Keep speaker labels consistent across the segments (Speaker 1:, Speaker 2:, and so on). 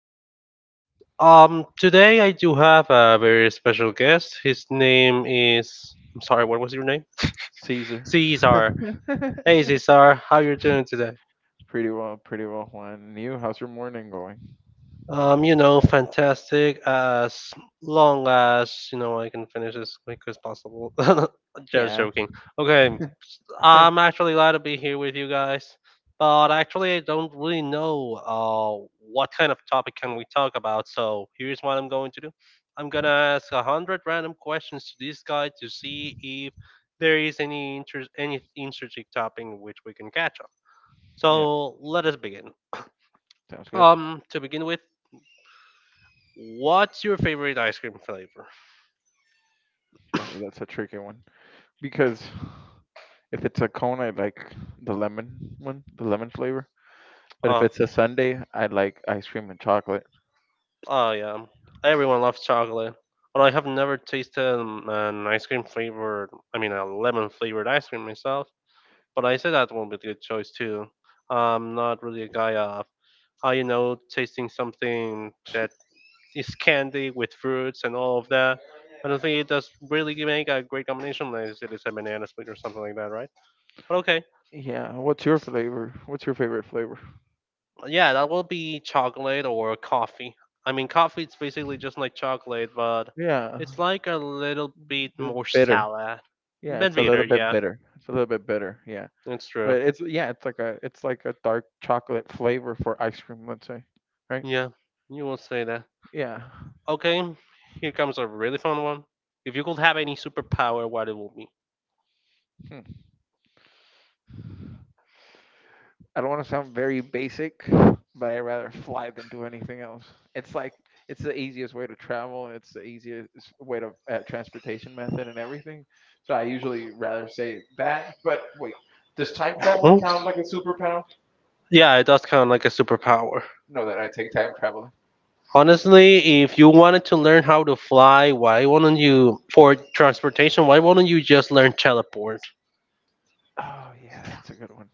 Speaker 1: Happy New Year. Today I do have a very special guest. His name is. I'm sorry, what was your name?
Speaker 2: Teaser.
Speaker 1: Caesar. Hey, Caesar, how you doing today?
Speaker 2: Pretty well, pretty well. Juan, you, how's your morning going?
Speaker 1: You know, fantastic. As long as you know, I can finish as quick as possible. Just
Speaker 2: Yeah,
Speaker 1: joking. Okay, I'm actually glad to be here with you guys, but actually, I don't really know what kind of topic can we talk about. So here's what I'm going to do. I'm gonna ask a hundred random questions to this guy to see if there is any interesting topic in which we can catch on.
Speaker 2: Yeah.
Speaker 1: So let us begin.
Speaker 2: Sounds good.
Speaker 1: To begin with. What's your favorite ice cream flavor? Like
Speaker 2: Oh, that's a tricky one because if it's a cone, I like the lemon one, the lemon flavor. But if
Speaker 1: oh,
Speaker 2: it's a okay. Sundae, I like ice cream and chocolate.
Speaker 1: oh yeah, everyone loves chocolate. But I have never tasted an ice cream flavored, I mean, a lemon flavored ice cream myself. But I say that one would be a good choice too. I'm not really a guy of, you know, tasting something
Speaker 2: S-
Speaker 1: that is candy with fruits and all of that. I don't think it does really make a great combination unless it is a banana split or something like that, right? But okay,
Speaker 2: Yeah, what's your flavor? What's your favorite flavor?
Speaker 1: yeah, that will be chocolate or coffee. I mean, coffee is basically just like chocolate, but
Speaker 2: Yeah,
Speaker 1: it's like a little bit
Speaker 2: the
Speaker 1: more
Speaker 2: bitter.
Speaker 1: sour.
Speaker 2: Yeah,
Speaker 1: Bit
Speaker 2: it's a
Speaker 1: bitter,
Speaker 2: little bit
Speaker 1: yeah.
Speaker 2: bitter. It's a little bit bitter. Yeah,
Speaker 1: It's true.
Speaker 2: but it's like a it's like a dark chocolate flavor for ice cream. Let's say, right?
Speaker 1: Yeah, you will say that.
Speaker 2: Yeah.
Speaker 1: Okay, here comes a really fun one. If you could have any superpower, what it will be?
Speaker 2: Hmm. I don't want to sound very basic, but I'd rather fly than do anything else. It's like it's the easiest way to travel, and it's the easiest way to transportation method and everything. So I usually rather say that. But wait, does time travel
Speaker 1: Hmm?
Speaker 2: count like a superpower?
Speaker 1: Yeah, it does count like a superpower.
Speaker 2: No, that I take time traveling.
Speaker 1: Honestly, if you wanted to learn how to fly, why wouldn't you, for transportation, why wouldn't you just learn teleport?
Speaker 2: Oh yeah, that's a good one.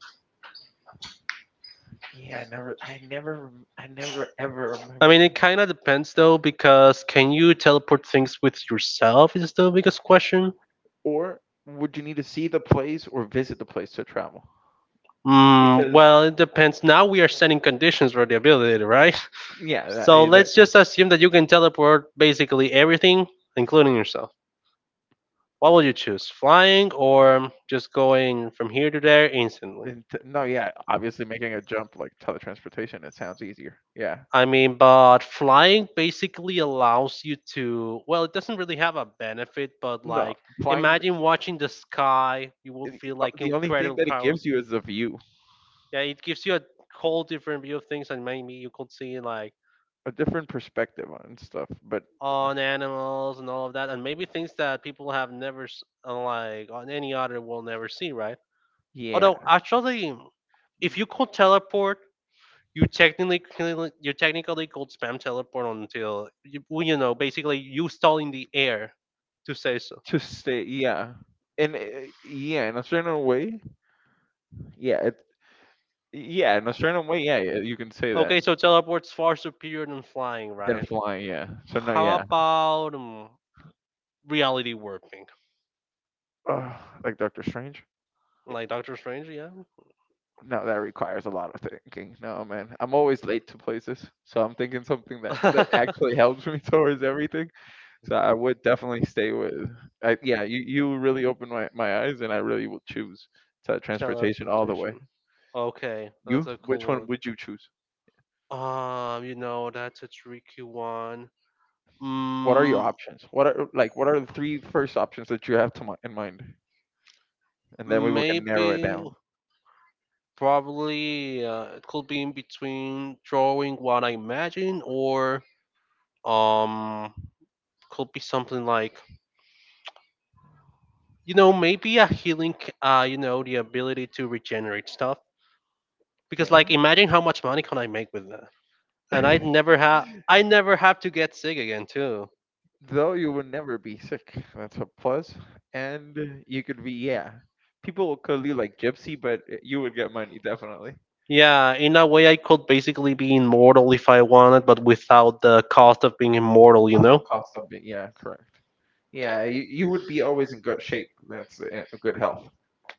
Speaker 2: I never ever
Speaker 1: I
Speaker 2: remember
Speaker 1: mean,
Speaker 2: that.
Speaker 1: it kind of depends though, because can you teleport things with yourself is the biggest question.
Speaker 2: Or would you need to see the place or visit the place to travel?
Speaker 1: Mm,
Speaker 2: Because
Speaker 1: well, it depends. Now we are setting conditions for the ability, right?
Speaker 2: yeah, that,
Speaker 1: So
Speaker 2: eh, that,
Speaker 1: let's just assume that you can teleport basically everything, including yourself. What will you choose? Flying or just going from here to there instantly?
Speaker 2: and t- no, Yeah, obviously making a jump like teletransportation, it sounds easier. Yeah,
Speaker 1: I mean, but flying basically allows you to, well, it doesn't really have a benefit, but
Speaker 2: no,
Speaker 1: like
Speaker 2: flying.
Speaker 1: imagine watching the sky, you
Speaker 2: eh,
Speaker 1: would feel
Speaker 2: uh,
Speaker 1: like
Speaker 2: The only thing
Speaker 1: incredible
Speaker 2: that it
Speaker 1: power.
Speaker 2: gives you is a view,
Speaker 1: Yeah, it gives you a whole different view of things, and maybe you could see like
Speaker 2: a different perspective on stuff. But
Speaker 1: on animals and all of that, and maybe things that people have never, like on any other will never see, right?
Speaker 2: yeah,
Speaker 1: Although, actually, if you could teleport, you technically you're technically called spam teleport until you, well, you know basically you stall in the air to say so.
Speaker 2: to stay, and eh, yeah, in a certain way, yeah, Yeah, in a certain way, yeah, yeah, you can say that.
Speaker 1: Okay, so teleport's far superior than flying,
Speaker 2: Than
Speaker 1: right?
Speaker 2: flying, yeah. So no,
Speaker 1: How
Speaker 2: yeah.
Speaker 1: about reality warping,
Speaker 2: Ugh, like Doctor Strange?
Speaker 1: like Doctor Strange? Yeah.
Speaker 2: No, that requires a lot of thinking. No, man, I'm always late to places, so I'm thinking something that actually helps me towards everything. So I would definitely stay with. Yeah, you really opened my eyes, and I really will choose transportation all the way.
Speaker 1: Teleportation. Okay, that's
Speaker 2: You,
Speaker 1: a
Speaker 2: which
Speaker 1: cool
Speaker 2: one
Speaker 1: one.
Speaker 2: would you choose?
Speaker 1: You know that's a tricky one.
Speaker 2: What are your
Speaker 1: Mm,
Speaker 2: options? What are like what are the three first options that you have to in mind, and then we will can
Speaker 1: maybe,
Speaker 2: narrow it down.
Speaker 1: probably, it could be in between drawing what I imagine or um, could be something like you know maybe a you know, the ability to regenerate stuff. Because
Speaker 2: Okay.
Speaker 1: like, imagine how much money can I make with that? And I never have to get sick again too.
Speaker 2: Though you will never be sick. That's a plus. And you could be, yeah. People will call you like gypsy, but you would get money definitely.
Speaker 1: Yeah, in a way, I could basically be immortal if I wanted, but without the cost of being immortal, you know.
Speaker 2: Cost a bit. Yeah, correct. Yeah, you would be always in good shape. That's a good health.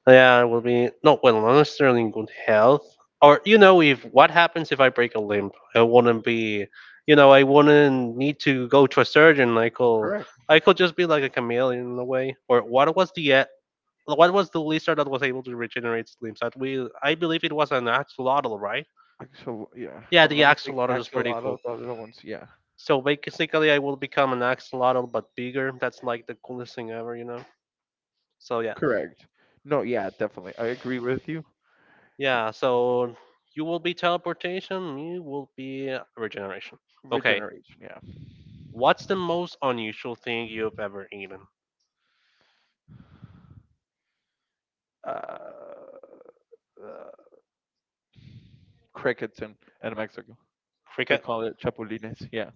Speaker 1: Yeah, it will be no well, unless they're in good health. Or you know, if what happens if I break a limb, I wouldn't be, you know, I wouldn't need to go to a surgeon.
Speaker 2: Correct.
Speaker 1: I could just be like a chameleon in a way. Or what was the lizard that was able to regenerate its limbs? That we, I believe it was an axolotl, right?
Speaker 2: Axel, yeah. If
Speaker 1: Yeah,
Speaker 2: I'm
Speaker 1: the
Speaker 2: not mistaken,
Speaker 1: axolotl is pretty cool.
Speaker 2: axolotls are the ones. Yeah,
Speaker 1: So basically, I will become an axolotl but bigger. That's like the coolest thing ever, you know. So yeah.
Speaker 2: correct. No, yeah, definitely. I agree with you.
Speaker 1: Yeah, so you will be teleportation, you will be regeneration. Okay,
Speaker 2: Regeneration. Yeah.
Speaker 1: what's the most unusual thing you've ever eaten?
Speaker 2: Uh, uh, Crickets in Mexico, they
Speaker 1: Cricket?
Speaker 2: call it chapulines. Yeah.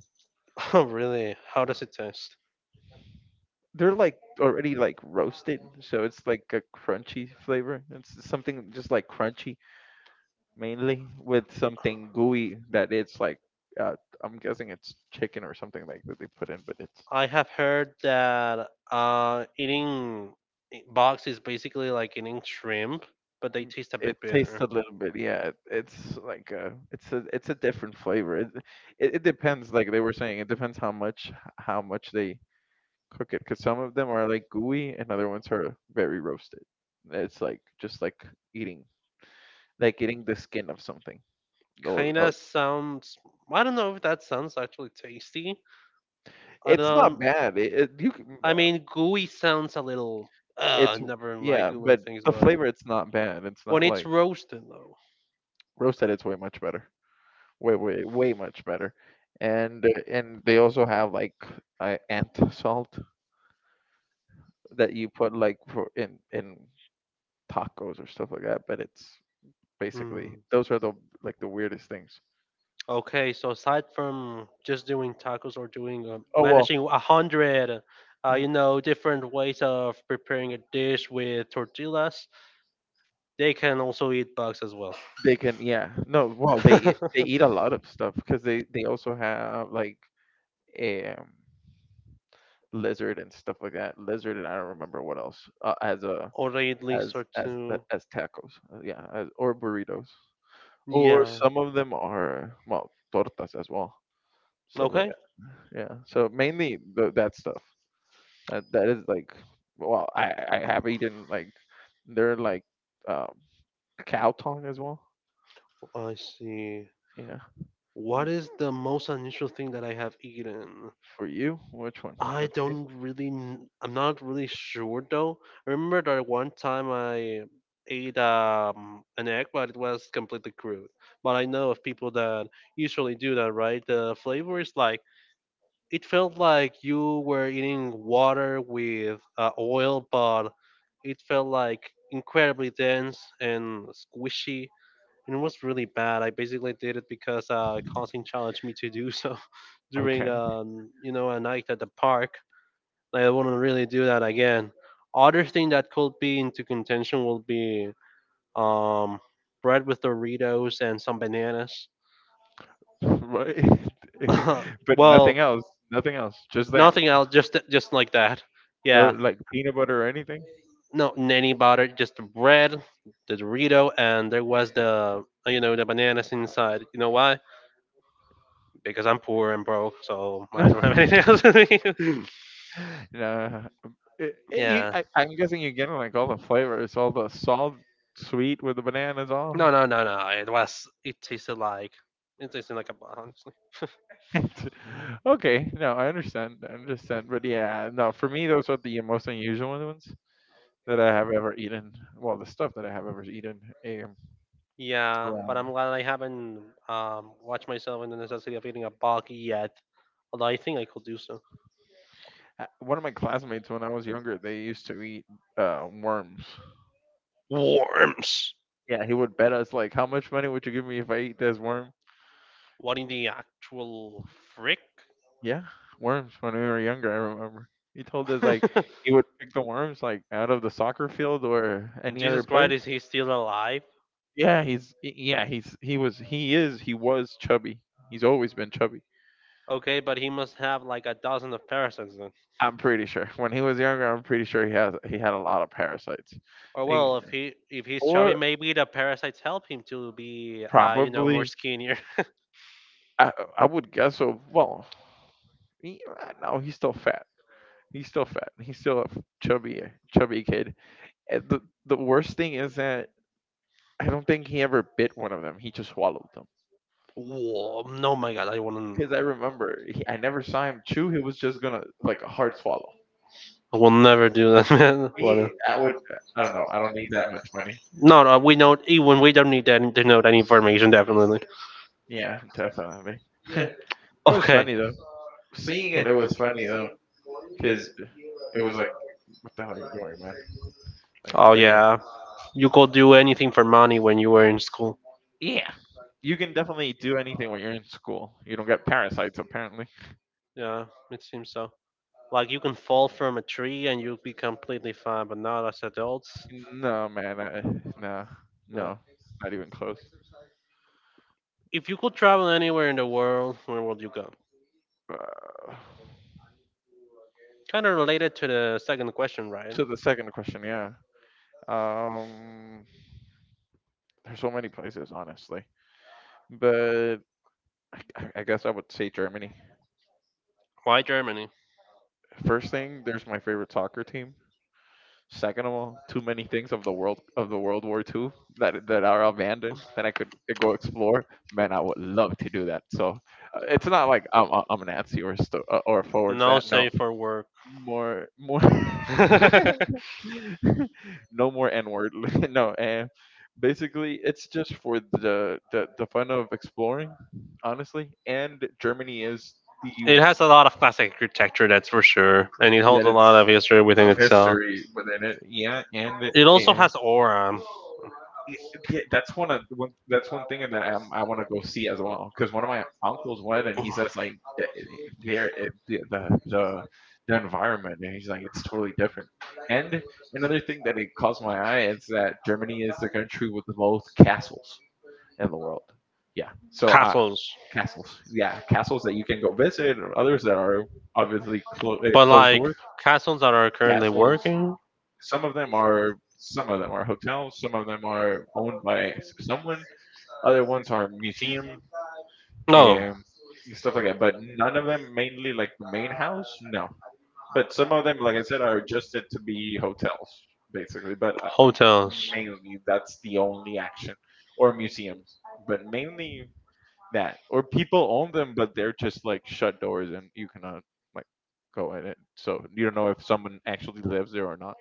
Speaker 1: Oh, really? How does it taste?
Speaker 2: They're like already like roasted, so it's like a crunchy flavor. It's something just like crunchy mainly with something gooey that it's like uh, I'm guessing it's chicken or something like that they put in, but
Speaker 1: I have heard that bugs is basically like eating shrimp, but they
Speaker 2: mm,
Speaker 1: taste a
Speaker 2: it
Speaker 1: bit
Speaker 2: tastes
Speaker 1: bitter.
Speaker 2: a little bit yeah it's a different flavor it depends like they were saying it depends how much they cook it because some of them are like gooey and other ones are very roasted. It's like just eating like eating the skin of something. Or
Speaker 1: Kinda
Speaker 2: oh,
Speaker 1: sounds. I don't know if that sounds actually tasty. I
Speaker 2: it's not
Speaker 1: don't.
Speaker 2: bad. It you can,
Speaker 1: I mean, gooey sounds a little.
Speaker 2: it's
Speaker 1: Never yeah, like
Speaker 2: yeah,
Speaker 1: gooey
Speaker 2: but
Speaker 1: things,
Speaker 2: the
Speaker 1: but
Speaker 2: flavor it's not bad. It's
Speaker 1: when
Speaker 2: not
Speaker 1: it's
Speaker 2: like
Speaker 1: roasted though.
Speaker 2: roasted. It's way much better. Way way way much better. And they also have like ant salt that you put like for in tacos or stuff like that. But it's basically
Speaker 1: Hmm.
Speaker 2: those are the like the weirdest things.
Speaker 1: Okay, so aside from just doing tacos or doing
Speaker 2: Oh well,
Speaker 1: managing a hundred,
Speaker 2: mm,
Speaker 1: you know, different ways of preparing a dish with tortillas, they can also eat bugs as well.
Speaker 2: they can yeah no well they eat a lot of stuff because they also have like um lizard and stuff like that. Lizard and I don't remember what else. Uh, as a
Speaker 1: Or they at least are too much.
Speaker 2: as tacos, yeah, as, or burritos, or
Speaker 1: Yeah.
Speaker 2: some of them are well tortas as well. So like,
Speaker 1: Okay.
Speaker 2: yeah, yeah. So mainly that stuff. That that is like, well, I have eaten like they're like um, cow tongue as well.
Speaker 1: I see.
Speaker 2: Yeah,
Speaker 1: What is the most unusual thing that I have eaten?
Speaker 2: for you, which one?
Speaker 1: I
Speaker 2: Let's see.
Speaker 1: don't really, I'm not really sure though. I remember that one time I ate an egg, but it was completely crude. But I know of people that usually do that, right? The flavor is like, it felt like you were eating water with oil, but it felt like incredibly dense and squishy and it was really bad. I basically did it because Constant challenged me to do so during
Speaker 2: Okay,
Speaker 1: you know a night at the park. I wouldn't really do that again. Other thing that could be into contention will be um, bread with Doritos and some bananas.
Speaker 2: right. But
Speaker 1: Well,
Speaker 2: nothing else. Nothing else. Just that.
Speaker 1: nothing else, just like that.
Speaker 2: No,
Speaker 1: Yeah,
Speaker 2: like
Speaker 1: anything.
Speaker 2: peanut butter or anything.
Speaker 1: No nanny butter, just the bread, the Dorito, and there was the you know the bananas inside. You know why? Because I'm poor and broke, so
Speaker 2: No,
Speaker 1: I don't have anything else to do.
Speaker 2: no.
Speaker 1: Yeah.
Speaker 2: I'm guessing you're getting like all the flavors, all the salt, sweet with the bananas, all.
Speaker 1: No, no, no, no. It was. It tasted like. It tasted like a bug, honestly.
Speaker 2: Okay, no, I understand, but yeah, no, for me those are the most unusual ones that I have ever eaten. Well, the stuff that I have ever eaten. Um,
Speaker 1: Yeah, but I'm glad I haven't watched myself in the necessity of eating a bug yet. Although I think I could do so.
Speaker 2: One of my classmates when I was younger, they used to eat worms.
Speaker 1: Worms.
Speaker 2: Yeah, he would bet us like, how much money would you give me if I eat this worm?
Speaker 1: What in the actual frick?
Speaker 2: Yeah, worms when we were younger, I remember. He told us like
Speaker 1: And
Speaker 2: he would pick the worms like out of the soccer field or any other
Speaker 1: Jesus Christ,
Speaker 2: place.
Speaker 1: is he still alive?
Speaker 2: He is he was chubby. He's always been chubby.
Speaker 1: Okay, but he must have like a dozen of parasites then.
Speaker 2: I'm pretty sure. When he was younger, I'm pretty sure he had a lot of parasites.
Speaker 1: Or
Speaker 2: They-
Speaker 1: well, if he if he's chubby,
Speaker 2: or
Speaker 1: maybe the parasites help him to be, you know, more
Speaker 2: probably
Speaker 1: skinnier.
Speaker 2: I I would guess so. Well, no, he's still fat. He's still fat. He's still a chubby kid. And the worst thing is that I don't think he ever bit one of them. He just swallowed them.
Speaker 1: Whoa, no, my God, I wouldn't,
Speaker 2: Because I remember, I never saw him chew. He was just gonna like a hard swallow.
Speaker 1: I will never do that, man.
Speaker 2: Me,
Speaker 1: What?
Speaker 2: I would. I don't know. I don't need that much money.
Speaker 1: No, no, we know even we don't need that to know that information, definitely.
Speaker 2: Yeah, definitely. It was
Speaker 1: Okay.
Speaker 2: funny though. Seeing it, it was funny though. Because it was like, what the hell are you doing, man? Like,
Speaker 1: Oh
Speaker 2: but yeah,
Speaker 1: yeah, you could do anything for money when you were in school.
Speaker 2: yeah. You can definitely do anything when you're in school. You don't get parasites apparently.
Speaker 1: Yeah, it seems so. Like you can fall from a tree and you'll be completely fine, but not as adults.
Speaker 2: No, man. I, no,
Speaker 1: No.
Speaker 2: no, not even close.
Speaker 1: If you could travel anywhere in the world, where would you go?
Speaker 2: Uh,
Speaker 1: Kind of related to the second question, right?
Speaker 2: to the second question, yeah. Um, there's so many places, honestly, but I guess I would say Germany.
Speaker 1: Why Germany?
Speaker 2: First thing, there's my favorite soccer team. Second of all, too many things of the World War Two that that are abandoned that I could go explore. Man, I would love to do that. So it's not like I'm a Nazi or or forwards
Speaker 1: No
Speaker 2: that. No,
Speaker 1: save for work.
Speaker 2: more more.
Speaker 1: It
Speaker 2: No more N word. No, and basically it's just for the fun of exploring, honestly. And Germany is the
Speaker 1: has a lot of classic architecture, that's for sure, and it holds
Speaker 2: that
Speaker 1: a
Speaker 2: it's
Speaker 1: lot of history within
Speaker 2: of
Speaker 1: itself.
Speaker 2: history within it.
Speaker 1: It also has aura
Speaker 2: Yeah, yeah, that's one of one. That's one thing that I want to go see as well. Because one of my uncles went, and he says like, the the environment, and he's like, it's totally different. And another thing that it caught my eye is that Germany is the country with the most castles in the world. Yeah, so
Speaker 1: castles,
Speaker 2: castles. Yeah, castles that you can go visit, or others that are obviously
Speaker 1: they but probably
Speaker 2: closed
Speaker 1: like
Speaker 2: door
Speaker 1: castles that are currently castles
Speaker 2: castles.
Speaker 1: working.
Speaker 2: Some of them are. Some of them are hotels. Some of them are owned by someone, other ones are museum
Speaker 1: No
Speaker 2: and stuff like that, but none of them mainly like the main house. No, but some of them, like I said, are adjusted to be hotels basically. But
Speaker 1: hotels.
Speaker 2: mainly that's the only action or museums, but mainly that or people own them, but they're just like shut doors and you cannot like go in it. So you don't know if someone actually lives there or not.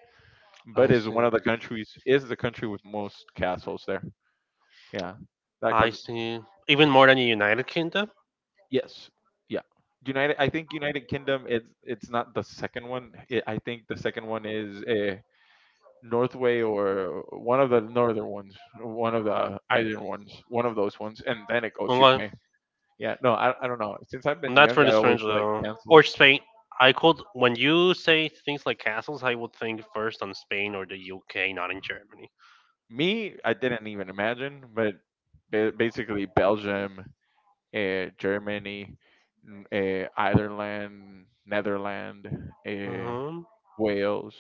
Speaker 2: But
Speaker 1: I
Speaker 2: is
Speaker 1: see.
Speaker 2: one of the countries is the country with most castles there. Yeah, that cause.
Speaker 1: I see. Even more than the United Kingdom.
Speaker 2: Yes. Yeah. United. I think United Kingdom. It's not the second one. I think the second one is Northway or one of the northern ones, one of the island ones, one of those ones, and then it goes
Speaker 1: Well, why-
Speaker 2: UK. Yeah. No, I don't know. Since I've been
Speaker 1: that's
Speaker 2: young,
Speaker 1: pretty
Speaker 2: I always
Speaker 1: strange
Speaker 2: like
Speaker 1: though. Or
Speaker 2: cancels.
Speaker 1: Spain. I could when you say things like castles, I would think first on Spain or the UK, not in Germany.
Speaker 2: Me, I didn't even imagine, but basically Belgium, Germany, Ireland, Netherlands, uh,
Speaker 1: Hmm.
Speaker 2: Wales,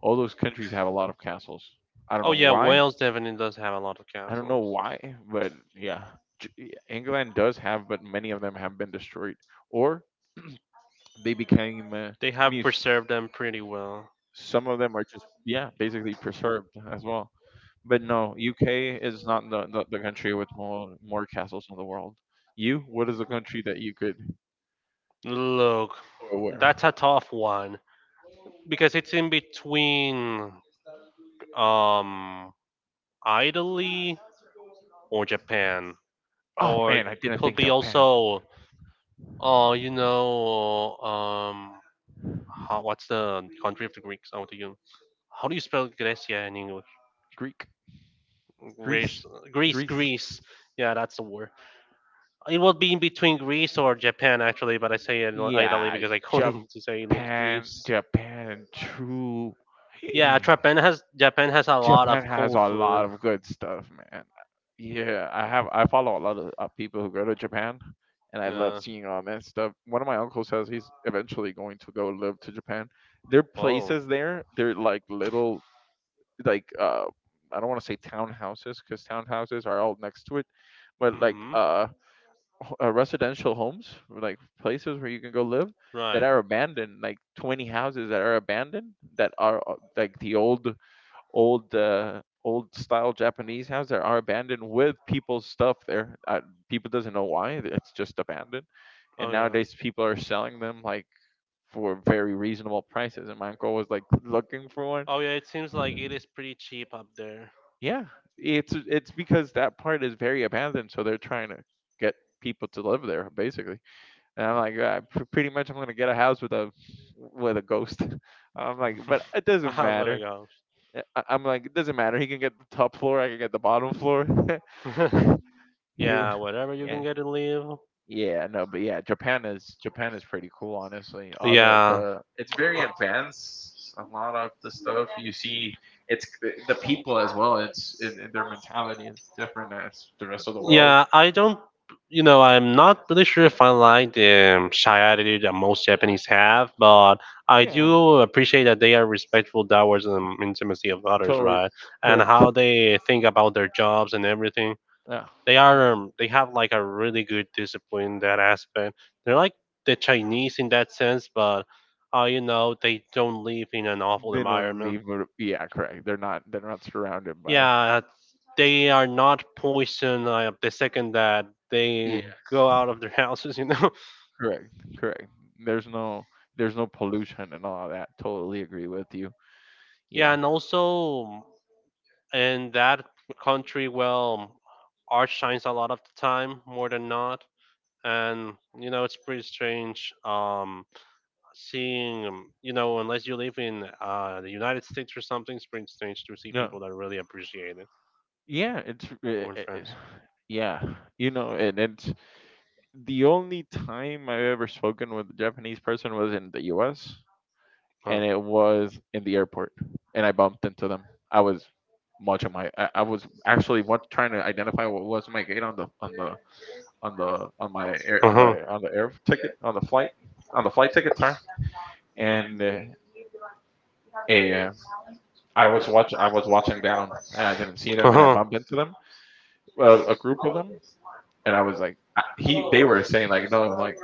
Speaker 2: all those countries have a lot of castles. I don't
Speaker 1: Oh
Speaker 2: know
Speaker 1: yeah,
Speaker 2: why.
Speaker 1: Wales definitely does have a lot of
Speaker 2: I don't know
Speaker 1: castles.
Speaker 2: why, but yeah, England does have, but many of them have been destroyed or they became
Speaker 1: They have
Speaker 2: muse.
Speaker 1: preserved them pretty well.
Speaker 2: Some of them are just yeah, basically preserved as well. But no, UK is not the country with more castles in the world. You, what is the country that you could
Speaker 1: Look,
Speaker 2: or where?
Speaker 1: that's a tough one because it's in between um Italy or Japan,
Speaker 2: Oh
Speaker 1: or
Speaker 2: man, I
Speaker 1: it
Speaker 2: didn't
Speaker 1: could
Speaker 2: think
Speaker 1: be
Speaker 2: Japan.
Speaker 1: also, oh, you know, how what's the country of the Greeks? How to you how do you spell Grecia in English?
Speaker 2: Greek, Greece,
Speaker 1: Greece,
Speaker 2: Greece.
Speaker 1: Greece. Yeah, that's the word. It would be in between Greece or Japan actually, but I say Italy
Speaker 2: Yeah,
Speaker 1: because I couldn't to say Greece.
Speaker 2: Japan, true.
Speaker 1: Yeah, Japan has a lot
Speaker 2: Japan
Speaker 1: of
Speaker 2: has a
Speaker 1: cold
Speaker 2: lot
Speaker 1: food.
Speaker 2: of good stuff, man. Yeah, I have. I follow a lot of people who go to Japan, and I love
Speaker 1: No.
Speaker 2: seeing all that stuff. One of my uncles says he's eventually going to go live to Japan. There are
Speaker 1: Oh.
Speaker 2: places there. They're like little, like I don't want to say townhouses because townhouses are all next to it, but
Speaker 1: Hmm.
Speaker 2: residential homes, like places where you can go live that
Speaker 1: Right.
Speaker 2: are abandoned, like 20 houses that are abandoned that are like the old style Japanese houses that are abandoned with people's stuff there. People doesn't know why it's just abandoned, and
Speaker 1: Oh yeah.
Speaker 2: nowadays people are selling them like for very reasonable prices. And my uncle was like looking for one.
Speaker 1: Oh yeah, it seems like it is pretty cheap up there.
Speaker 2: Yeah, it's because that part is very abandoned, so they're trying to get people to live there basically. And I'm like, yeah, pretty much I'm gonna get a house with a ghost. I'm like, but it
Speaker 1: Was
Speaker 2: doesn't matter.
Speaker 1: gonna
Speaker 2: I'm like, it doesn't matter. He can get the top floor. I can get the bottom floor.
Speaker 1: go.
Speaker 2: he, wa-
Speaker 1: Yeah, whatever you
Speaker 2: yeah,
Speaker 1: can get in leave.
Speaker 2: yeah, no, but yeah, Japan is pretty cool, honestly. All
Speaker 1: Yeah.
Speaker 2: the it's very advanced. A lot of the stuff you see, the people as well. It's in their mentality is different as the rest of the world.
Speaker 1: Yeah, I don't. You know, I'm not really sure if I like the shy attitude that most Japanese have, but I
Speaker 2: Yeah,
Speaker 1: do appreciate that they are respectful towards the intimacy of others,
Speaker 2: totally
Speaker 1: right? And
Speaker 2: correct.
Speaker 1: how they think about their jobs and everything.
Speaker 2: Yeah.
Speaker 1: They are they have like a really good discipline in that aspect. They're like the Chinese in that sense, but you know they don't live in an awful
Speaker 2: They don't
Speaker 1: environment.
Speaker 2: need. Yeah, correct. They're not. They're not surrounded by.
Speaker 1: Yeah, they are not poisoned the second that
Speaker 2: Yeah,
Speaker 1: they go out of their houses. You know.
Speaker 2: correct. Correct. There's no. There's no pollution and all that. Totally agree with you.
Speaker 1: Yeah,
Speaker 2: Yeah.
Speaker 1: and also in that country, well, art shines a lot of the time, more than not, and you know it's pretty strange. You know, unless you live in the United States or something, it's pretty strange to see
Speaker 2: Yeah.
Speaker 1: people that really appreciate it.
Speaker 2: Yeah, it's
Speaker 1: Or
Speaker 2: it,
Speaker 1: in
Speaker 2: it,
Speaker 1: France.
Speaker 2: yeah, you know, and it's the only time I've ever spoken with a Japanese person was in the U.S.
Speaker 1: Huh.
Speaker 2: And it was in the airport, and I bumped into them. I was much of my I was actually what trying to identify what was my gate on the on the on the on my air
Speaker 1: Uh huh.
Speaker 2: on the air ticket on the flight ticket, sorry. And eh, I was watch I was watching down and I didn't see them
Speaker 1: Uh
Speaker 2: and I
Speaker 1: huh.
Speaker 2: bumped into them, a group of them. And I was like, I, he they were saying like, no, like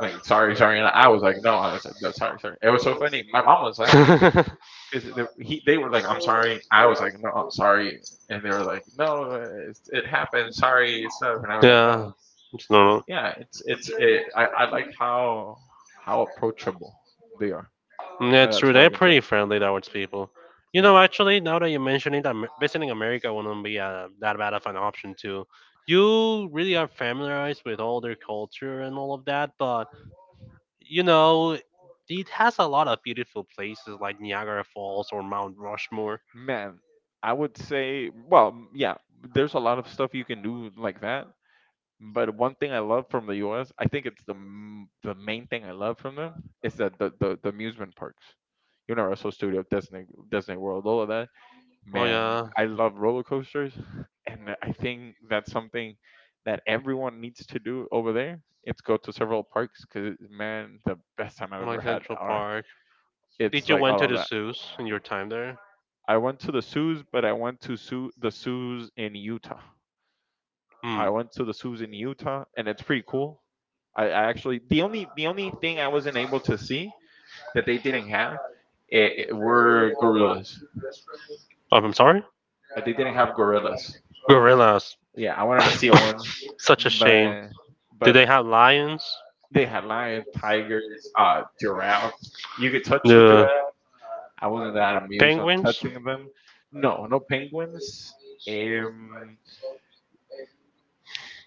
Speaker 2: like sorry sorry, and I was like, no, I said no, sorry sorry. It was so funny, my mom was laughing, 'cause they were like, "I'm sorry." I was like, "No, I'm sorry." And they were like, "No, it's it happened. Sorry, it's stuff." And I was like,
Speaker 1: Yeah.
Speaker 2: "No,
Speaker 1: It's normal.
Speaker 2: yeah, I like how approachable they are.
Speaker 1: Yeah, it's true.
Speaker 2: That's what
Speaker 1: They're
Speaker 2: I can say.
Speaker 1: pretty friendly towards people. You
Speaker 2: Yeah,
Speaker 1: know, actually, now that you mention it, visiting America wouldn't be that bad of an option too. You really are familiarized with all their culture and all of that, but you know, it has a lot of beautiful places like Niagara Falls or Mount Rushmore.
Speaker 2: man, I would say, well, yeah, there's a lot of stuff you can do like that. But one thing I love from the U.S., I think it's the the main thing I love from them is that the amusement parks, Universal Studio, Disney World, all of that.
Speaker 1: Oh
Speaker 2: Man,
Speaker 1: yeah,
Speaker 2: I love roller coasters, and I think that's something that everyone needs to do over there. It's go to several parks because man, the best time I've ever
Speaker 1: like
Speaker 2: had
Speaker 1: Central
Speaker 2: are.
Speaker 1: Park.
Speaker 2: It's
Speaker 1: Did you
Speaker 2: like
Speaker 1: went
Speaker 2: all
Speaker 1: to
Speaker 2: of
Speaker 1: the
Speaker 2: that.
Speaker 1: zoos in your time there?
Speaker 2: I went to the zoos, but I went to zoo the zoos in Utah.
Speaker 1: Hmm.
Speaker 2: I went to the zoos in Utah, and it's pretty cool. I actually the only thing I wasn't able to see that they didn't have it, were gorillas.
Speaker 1: Oh, I'm sorry.
Speaker 2: They didn't have gorillas.
Speaker 1: Gorillas.
Speaker 2: Yeah, I wanted to see a one,
Speaker 1: Such a shame.
Speaker 2: but
Speaker 1: Did
Speaker 2: but
Speaker 1: they have lions?
Speaker 2: they had lion, tiger, giraffe. You could touch the
Speaker 1: The
Speaker 2: giraffe. I wasn't that amused on
Speaker 1: penguins?
Speaker 2: touching them. No, no penguins. Um,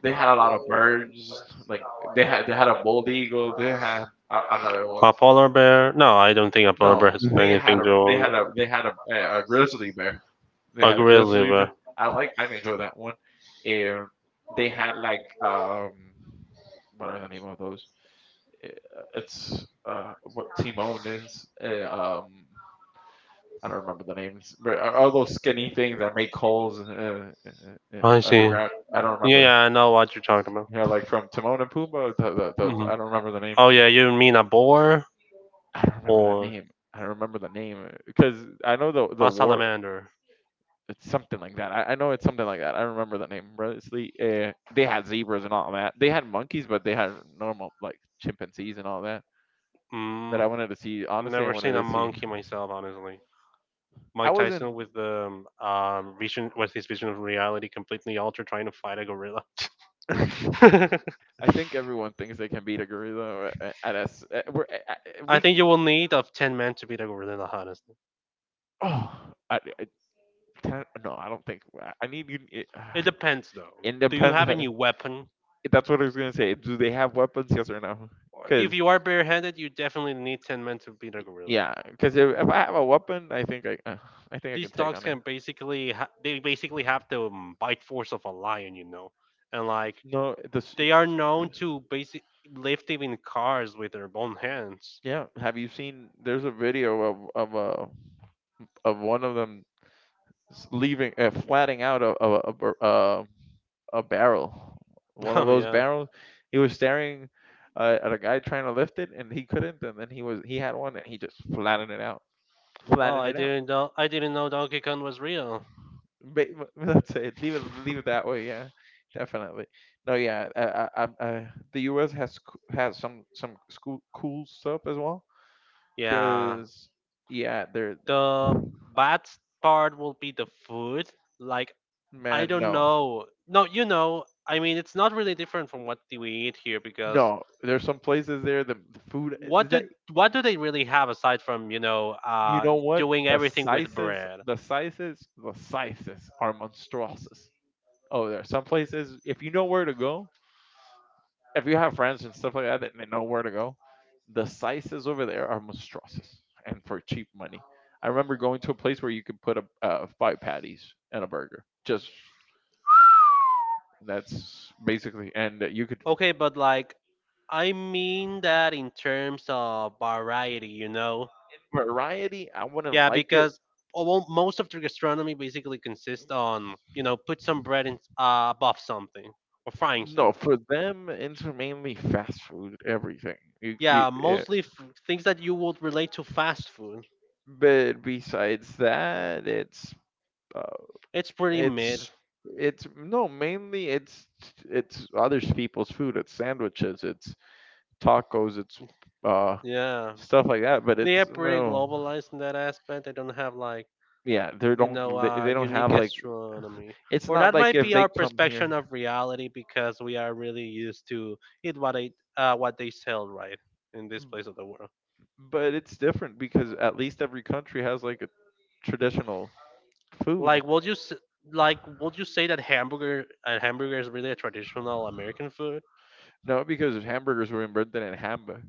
Speaker 2: they had a lot of birds. Like they had a bald eagle. They had another one.
Speaker 1: A polar bear? No, I don't think a polar
Speaker 2: No,
Speaker 1: bear has
Speaker 2: they
Speaker 1: anything
Speaker 2: had
Speaker 1: to
Speaker 2: a
Speaker 1: do.
Speaker 2: grizzly bear. They
Speaker 1: A
Speaker 2: had a
Speaker 1: grizzly
Speaker 2: grizzly bear.
Speaker 1: bear.
Speaker 2: I enjoy that one. Um, they had like what are the name of those? I- it's What Timon is. Uh, um, I don't remember the names, but all those skinny things that make holes
Speaker 1: I see.
Speaker 2: underground. I don't
Speaker 1: Yeah,
Speaker 2: remember.
Speaker 1: yeah, I know what you're talking about.
Speaker 2: Yeah, like from Timon and Pumbaa.
Speaker 1: Mhm.
Speaker 2: I don't remember the name.
Speaker 1: Oh yeah, you mean a boar
Speaker 2: I don't remember
Speaker 1: or
Speaker 2: the name. I don't remember the
Speaker 1: I
Speaker 2: name because I know the
Speaker 1: a
Speaker 2: war.
Speaker 1: salamander?
Speaker 2: It's something like that. I know it's something like that. I remember the name. But it's they had zebras and all that. They had monkeys, but they had normal like chimpanzees and all that.
Speaker 1: And
Speaker 2: But
Speaker 1: Mm,
Speaker 2: I wanted to see.
Speaker 1: I Mm,
Speaker 2: Honestly, I
Speaker 1: never seen a
Speaker 2: wanted
Speaker 1: wasn't
Speaker 2: to see.
Speaker 1: monkey myself, honestly.
Speaker 2: I
Speaker 1: Mike
Speaker 2: wasn't.
Speaker 1: Tyson with the vision, with his vision of reality completely altered, trying to fight a gorilla.
Speaker 2: I think everyone thinks they can beat a gorilla at us. Uh,
Speaker 1: I
Speaker 2: we,
Speaker 1: think you will need of 10 men to beat a gorilla, honestly.
Speaker 2: oh, I can't, no, I don't think. I need you.
Speaker 1: It depends, though.
Speaker 2: It
Speaker 1: Do you
Speaker 2: depends.
Speaker 1: have any weapon?
Speaker 2: That's what I was gonna say. Do they have weapons? Yes or no?
Speaker 1: Or if
Speaker 2: Because
Speaker 1: you are barehanded, you definitely need 10 men to beat a gorilla.
Speaker 2: yeah, because if I have a weapon, I think I think I can
Speaker 1: These
Speaker 2: take
Speaker 1: dogs
Speaker 2: on it.
Speaker 1: can basically they basically have the bite force of a lion, you know, and like
Speaker 2: No, this,
Speaker 1: they are known to basic lift even cars with their own hands.
Speaker 2: Yeah. Have you seen? There's a video of of one of them leaving, flatting out a barrel, one of
Speaker 1: Oh
Speaker 2: those
Speaker 1: yeah.
Speaker 2: barrels. He was staring at a guy trying to lift it, and he couldn't. And then he had one, and he just flattened it out,
Speaker 1: Oh,
Speaker 2: flattened
Speaker 1: I
Speaker 2: it out.
Speaker 1: didn't know. I didn't know Donkey Kong was real.
Speaker 2: Ba- That's it. Leave it that way. Yeah, definitely. No, yeah. The U.S. has has some cool stuff as well,
Speaker 1: Yeah.
Speaker 2: because yeah, they're
Speaker 1: The bad part will be the food. Like I
Speaker 2: man
Speaker 1: don't
Speaker 2: no.
Speaker 1: know. No, you know. I mean, it's not really different from what do we eat here because
Speaker 2: No, there's some places there. The food
Speaker 1: what
Speaker 2: is.
Speaker 1: do what do they really have aside from
Speaker 2: You know what?
Speaker 1: doing everything with bread?
Speaker 2: The sizes are monstrous over there. Some places, if you know where to go, if you have friends and stuff like that, and they know where to go, the sizes over there are monstrous and for cheap money. I remember going to a place where you could put a five patties and a burger. Just that's basically, and you could
Speaker 1: Okay, but like I mean that in terms of variety, you know?
Speaker 2: variety. I wouldn't
Speaker 1: Yeah,
Speaker 2: like it.
Speaker 1: because although most of the gastronomy basically consists on, you know, put some bread in, above something or frying
Speaker 2: No,
Speaker 1: something.
Speaker 2: for them, it's mainly fast food. Everything.
Speaker 1: Yeah,
Speaker 2: Yeah,
Speaker 1: mostly things that you would relate to fast food.
Speaker 2: but besides that, uh,
Speaker 1: It's pretty mid.
Speaker 2: it's it's no mainly it's other people's food. It's sandwiches. It's tacos. It's uh
Speaker 1: Yeah.
Speaker 2: stuff like that. But
Speaker 1: They are
Speaker 2: it's
Speaker 1: pretty
Speaker 2: no,
Speaker 1: globalized in that aspect. They don't have like
Speaker 2: yeah,
Speaker 1: you know,
Speaker 2: they don't
Speaker 1: unique
Speaker 2: have like
Speaker 1: astronomy.
Speaker 2: it's
Speaker 1: Or
Speaker 2: not
Speaker 1: that
Speaker 2: like
Speaker 1: might
Speaker 2: if
Speaker 1: be
Speaker 2: they
Speaker 1: our
Speaker 2: come here.
Speaker 1: perception of reality because we are really used to it what they sell right in this place of the world.
Speaker 2: But it's different because at least every country has like a traditional food.
Speaker 1: Like, would you s- like would you say that hamburger a hamburger is really a traditional American food?
Speaker 2: No, because hamburgers were invented in Hamburg.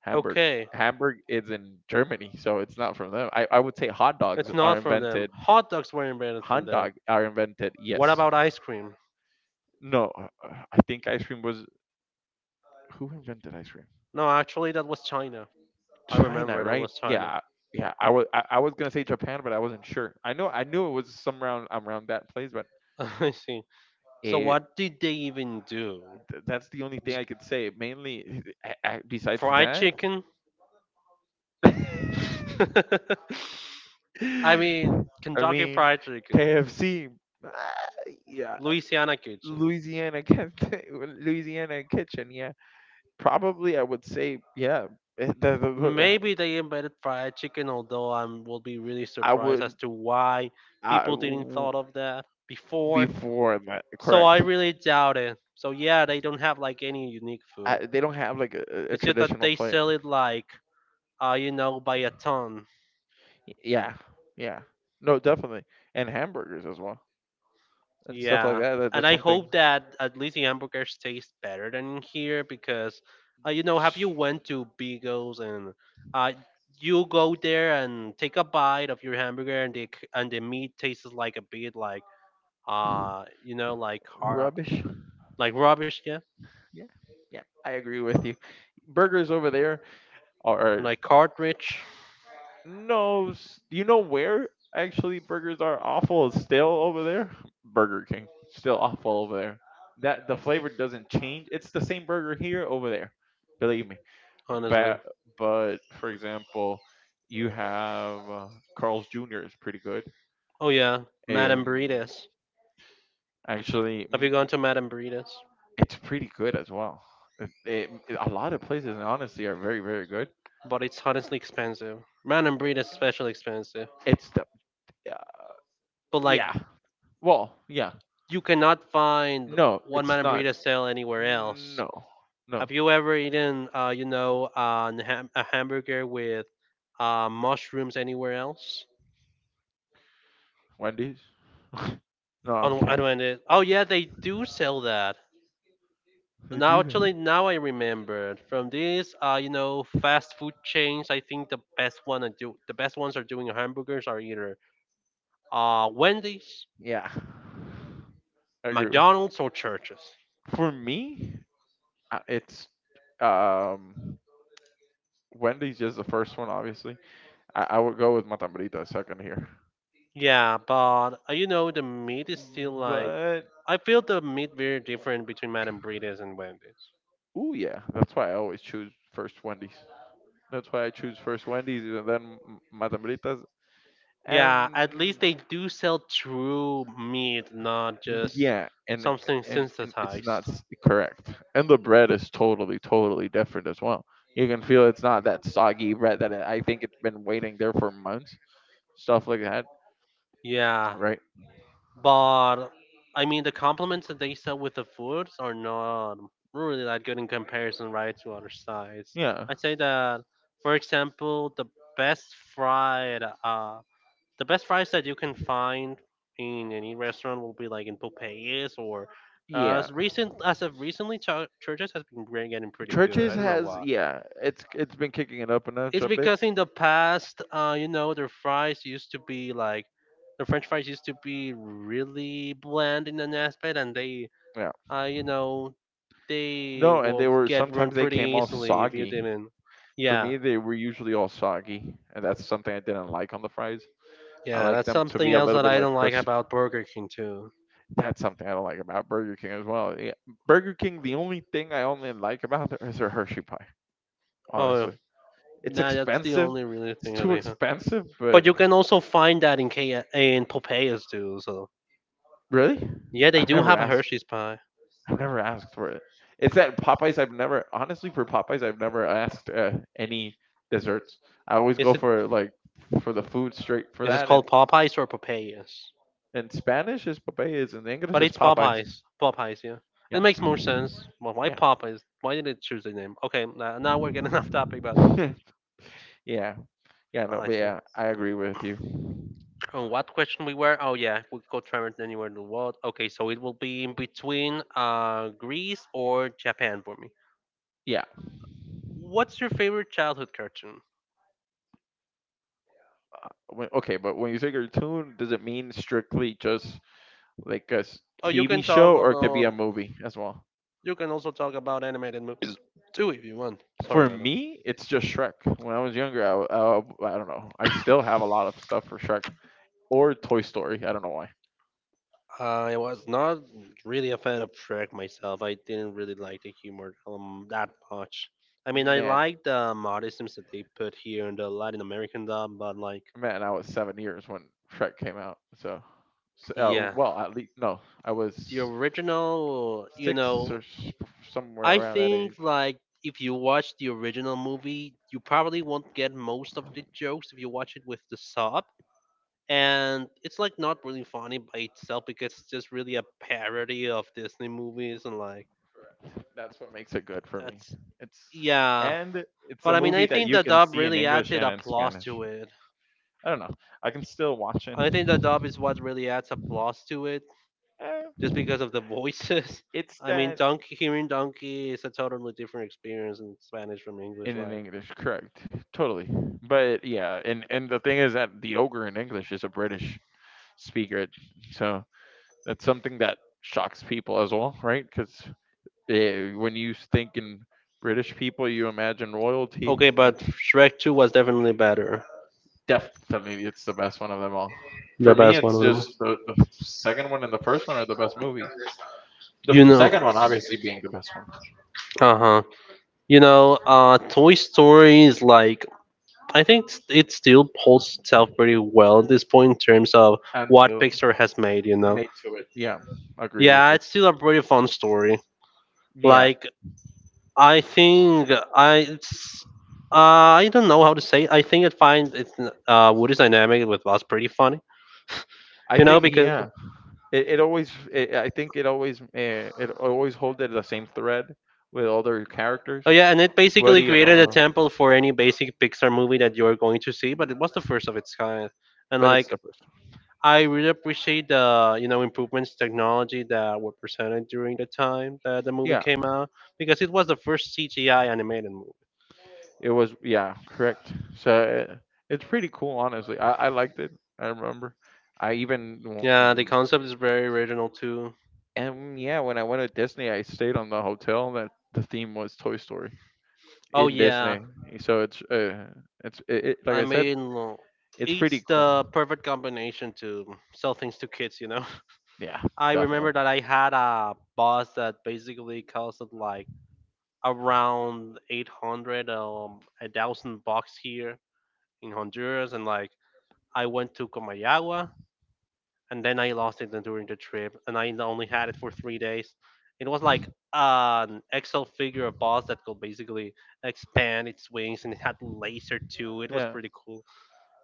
Speaker 2: Hamburg.
Speaker 1: Okay,
Speaker 2: Hamburg is in Germany, so it's not from them. I would say hot dogs
Speaker 1: it's
Speaker 2: are
Speaker 1: not from them.
Speaker 2: invented.
Speaker 1: Hot dogs were invented from
Speaker 2: Hot
Speaker 1: them.
Speaker 2: dog are invented.
Speaker 1: What
Speaker 2: Yes.
Speaker 1: about ice cream?
Speaker 2: No, I think ice cream was who invented ice cream?
Speaker 1: No, actually, that was China. I remember
Speaker 2: China,
Speaker 1: that
Speaker 2: right?
Speaker 1: was China.
Speaker 2: Yeah, yeah. I was gonna say Japan, but I wasn't sure. I knew it was some around around that place, but
Speaker 1: I see. So
Speaker 2: it,
Speaker 1: what did they even do?
Speaker 2: that's the only thing I could say. Mainly, besides
Speaker 1: Fried
Speaker 2: that.
Speaker 1: chicken. I mean,
Speaker 2: I
Speaker 1: Kentucky
Speaker 2: mean,
Speaker 1: Fried Chicken,
Speaker 2: KFC. ah, yeah,
Speaker 1: Louisiana Kitchen.
Speaker 2: Louisiana kitchen. Louisiana kitchen. Yeah, probably I would say yeah. eh, the- the- the-
Speaker 1: Maybe they invented fried chicken, although I will be really
Speaker 2: I
Speaker 1: surprised as
Speaker 2: would.
Speaker 1: to why
Speaker 2: I
Speaker 1: people didn't
Speaker 2: w-
Speaker 1: thought of that before.
Speaker 2: Before that.
Speaker 1: So I
Speaker 2: Correct.
Speaker 1: really doubt it. So yeah, they don't have like any unique food.
Speaker 2: They don't have like a
Speaker 1: It's just that
Speaker 2: traditional
Speaker 1: they
Speaker 2: plate.
Speaker 1: sell it like, you know, by a ton.
Speaker 2: Yeah, yeah. No, definitely, and hamburgers as well and stuff like
Speaker 1: Yeah,
Speaker 2: that.
Speaker 1: and
Speaker 2: That's
Speaker 1: I
Speaker 2: something.
Speaker 1: hope that at least the hamburgers taste better than in here because, you know, have you went to Beagles and uh, you go there and take a bite of your hamburger and and the meat tastes like a bit like like
Speaker 2: Rubbish.
Speaker 1: like rubbish, yeah,
Speaker 2: Yeah, yeah, I agree with you. Burgers over there are.
Speaker 1: like cartridge,
Speaker 2: No, you know where actually burgers are awful is still over there? Burger King. Still awful over there. That the flavor doesn't change. It's the same burger here over there. Believe me.
Speaker 1: honestly.
Speaker 2: But but for example, you have Carl's Jr. is pretty good.
Speaker 1: Oh yeah, Madame
Speaker 2: Um
Speaker 1: Burritos.
Speaker 2: Actually
Speaker 1: Have you gone to Madame Burritos?
Speaker 2: it's pretty good as well. A lot of places honestly are very very good.
Speaker 1: But it's honestly expensive. Madame Burritos is special expensive,
Speaker 2: It's the.
Speaker 1: but like
Speaker 2: Yeah. Well, yeah.
Speaker 1: you cannot find
Speaker 2: No,
Speaker 1: one
Speaker 2: it's
Speaker 1: man
Speaker 2: not.
Speaker 1: burrito sale anywhere else.
Speaker 2: No, no.
Speaker 1: Have you ever eaten, you know, a hamburger with mushrooms anywhere else?
Speaker 2: Wendy's? No, I'm
Speaker 1: On
Speaker 2: kidding.
Speaker 1: unwanted. Oh yeah, they do sell that.
Speaker 2: They
Speaker 1: Now
Speaker 2: do that.
Speaker 1: actually, now I remembered from these, you know, fast food chains. I think the best ones are doing hamburgers are either Wendy's,
Speaker 2: Yeah. I agree with.
Speaker 1: McDonald's, or churches.
Speaker 2: For me, it's um Wendy's is the first one, obviously. I would go with Matambrita second here,
Speaker 1: Yeah, but you know the meat is still like
Speaker 2: but.
Speaker 1: I feel the meat very different between Madame Breeders and Wendy's.
Speaker 2: Ooh, yeah. That's why I always choose first Wendy's. That's why I choose first Wendy's and then Matambritas.
Speaker 1: Yeah, at least
Speaker 2: And
Speaker 1: they do sell true meat, not just
Speaker 2: yeah, and
Speaker 1: something
Speaker 2: it's
Speaker 1: synthesized.
Speaker 2: not correct. And the bread is totally, totally different as well. You can feel it's not that soggy bread that I think it's been waiting there for months. Stuff like that,
Speaker 1: Yeah,
Speaker 2: right?
Speaker 1: but I mean the compliments that they sell with the foods are not really that good in comparison, right, to other sides.
Speaker 2: Yeah,
Speaker 1: I say that, for example, best fried uh, the best fries that you can find in any restaurant will be like in Popeyes or
Speaker 2: yeah.
Speaker 1: as recent as of recently, Churches has been getting pretty good.
Speaker 2: Churches
Speaker 1: I don't know
Speaker 2: has
Speaker 1: why.
Speaker 2: yeah, it's been kicking it up a notch
Speaker 1: It's
Speaker 2: a bit.
Speaker 1: because in the past, you know, their fries used to be like the French fries used to be really bland in an aspect, and they,
Speaker 2: Yeah.
Speaker 1: you know, they
Speaker 2: No, and
Speaker 1: will
Speaker 2: they were
Speaker 1: get ruined
Speaker 2: sometimes they
Speaker 1: pretty
Speaker 2: came all
Speaker 1: easily if you
Speaker 2: soggy.
Speaker 1: didn't.
Speaker 2: For
Speaker 1: Yeah,
Speaker 2: me, they were usually all soggy, and that's something I didn't like on the fries. I
Speaker 1: yeah,
Speaker 2: like
Speaker 1: that's
Speaker 2: them to be
Speaker 1: something
Speaker 2: a
Speaker 1: else
Speaker 2: little
Speaker 1: that
Speaker 2: bit
Speaker 1: I
Speaker 2: like
Speaker 1: don't like
Speaker 2: crisp.
Speaker 1: about Burger King too.
Speaker 2: That's something I don't like about Burger King as well. Yeah, Burger King, the only thing I only like about there is their Hershey pie.
Speaker 1: Oh,
Speaker 2: Honestly, it's
Speaker 1: nah, that's the
Speaker 2: expensive.
Speaker 1: only really
Speaker 2: It's
Speaker 1: thing I
Speaker 2: too
Speaker 1: think. Huh?
Speaker 2: expensive, but
Speaker 1: But you can also find that in K in Popeyes too. So
Speaker 2: really,
Speaker 1: yeah, they
Speaker 2: I've
Speaker 1: do
Speaker 2: never
Speaker 1: have a
Speaker 2: asked.
Speaker 1: Hershey's pie.
Speaker 2: I've never asked for it. It's that Popeyes. I've never honestly for Popeyes. I've never asked any desserts. I always go for like for the food straight for
Speaker 1: Is it
Speaker 2: that. And
Speaker 1: called Popeyes or Popeyes?
Speaker 2: in Spanish is Popeyes, and English
Speaker 1: But
Speaker 2: is
Speaker 1: it's
Speaker 2: Popeyes.
Speaker 1: Popeyes. Popeyes, yeah.
Speaker 2: Yeah,
Speaker 1: It makes more sense. Well, why
Speaker 2: yeah,
Speaker 1: Popeyes? Why did it choose the name? Okay, now, now we're getting off topic, but
Speaker 2: yeah, yeah. No,
Speaker 1: I
Speaker 2: but
Speaker 1: see.
Speaker 2: yeah, I agree with you.
Speaker 1: Oh, what question we were? Oh yeah, we go travel anywhere in the world. Okay, so it will be in between Greece or Japan for me.
Speaker 2: Yeah.
Speaker 1: What's your favorite childhood cartoon?
Speaker 2: When, okay, but when you say cartoon, does it mean strictly just like a
Speaker 1: Oh, you
Speaker 2: TV
Speaker 1: can talk
Speaker 2: show, or it could be
Speaker 1: about.
Speaker 2: a movie as well?
Speaker 1: You can also talk about animated movies too if you want. Sorry
Speaker 2: For
Speaker 1: about that.
Speaker 2: me, it's just Shrek. When I was younger, I don't know. I still have a lot of stuff for Shrek or Toy Story. I don't know why.
Speaker 1: I was not really a fan of Shrek myself. I didn't really like the humor that much. I mean, I
Speaker 2: Man,
Speaker 1: like the modisms that they put here in the Latin American dub, but like,
Speaker 2: man, I was 7 years when Shrek came out. So, s
Speaker 1: yeah,
Speaker 2: well, at least no, I
Speaker 1: the
Speaker 2: was
Speaker 1: original, you
Speaker 2: six or
Speaker 1: know,
Speaker 2: somewhere
Speaker 1: I
Speaker 2: around that age.
Speaker 1: think like if you watch the original movie, you probably won't get most of the jokes if you watch it with the sub. And it's like not really funny by itself because it's just really a parody of Disney movies and like
Speaker 2: That's what makes it good for me.
Speaker 1: that's
Speaker 2: It's
Speaker 1: yeah.
Speaker 2: and it's a
Speaker 1: But I mean,
Speaker 2: movie
Speaker 1: I
Speaker 2: that
Speaker 1: think
Speaker 2: you
Speaker 1: the
Speaker 2: can
Speaker 1: dub
Speaker 2: see in
Speaker 1: really adds
Speaker 2: English
Speaker 1: it
Speaker 2: and in
Speaker 1: applause
Speaker 2: Spanish.
Speaker 1: to it.
Speaker 2: I don't know. I can still watch it.
Speaker 1: I think the dub is what really adds applause to it,
Speaker 2: Eh,
Speaker 1: just because of the voices.
Speaker 2: it's
Speaker 1: I mean,
Speaker 2: that
Speaker 1: donkey hearing donkey is a totally different experience in Spanish from English,
Speaker 2: in an
Speaker 1: right?
Speaker 2: English, correct? Totally. But yeah, and the thing is that the ogre in English is a British speaker, so that's something that shocks people as well, right? Because when you think in British people, you imagine royalty
Speaker 1: Okay,
Speaker 2: and.
Speaker 1: but Shrek Two was definitely better,
Speaker 2: Definitely, it's the best one of them all. For
Speaker 1: the
Speaker 2: me,
Speaker 1: best one
Speaker 2: it's
Speaker 1: of them.
Speaker 2: just the second one and the first one are the best movies. The
Speaker 1: You
Speaker 2: f-
Speaker 1: know,
Speaker 2: second one, obviously, being the best one.
Speaker 1: uh huh. You know, Toy Story is like I think it still holds itself pretty well at this point in terms of what
Speaker 2: Until
Speaker 1: Pixar has made. You know.
Speaker 2: maybe, yeah, agree with
Speaker 1: Yeah,
Speaker 2: you.
Speaker 1: it's still a pretty fun story.
Speaker 2: Yeah,
Speaker 1: Like I think I it's I don't know how to say it. I think it finds Woody's dynamic with was pretty funny.
Speaker 2: I
Speaker 1: You know
Speaker 2: think,
Speaker 1: because
Speaker 2: yeah, I think it always, holds it the same thread with all their characters,
Speaker 1: oh yeah, and it basically
Speaker 2: Woody and all
Speaker 1: created a
Speaker 2: of
Speaker 1: temple for any basic Pixar movie that you're going to see, but
Speaker 2: them.
Speaker 1: it was the first of its kind. And
Speaker 2: But it's
Speaker 1: like
Speaker 2: the first. One.
Speaker 1: I really appreciate the you know improvements technology that were presented during the time that the movie,
Speaker 2: Yeah,
Speaker 1: yeah, came out because it was the first CGI animated movie.
Speaker 2: it was, yeah, correct. So it's pretty cool, honestly. I liked it. I remember. I even w-
Speaker 1: Yeah,
Speaker 2: w-
Speaker 1: the concept is very original too.
Speaker 2: and yeah, when I went to Disney, I stayed on the hotel that the theme was Toy Story
Speaker 1: Oh
Speaker 2: in
Speaker 1: yeah,
Speaker 2: Disney. So like
Speaker 1: I
Speaker 2: I said,
Speaker 1: mean
Speaker 2: it's pretty
Speaker 1: it's
Speaker 2: cool.
Speaker 1: the perfect combination to sell things to kids. You know,
Speaker 2: Yeah,
Speaker 1: I
Speaker 2: definitely.
Speaker 1: remember that I had a boss that basically costed like around eight hundred $1,000 here in Honduras, and like I went to Comayagua and then I lost it during the trip, and I only had it for 3 days. It was like an Excel figure of boss that could basically expand its wings, and it had laser too. It was
Speaker 2: Yeah,
Speaker 1: pretty cool.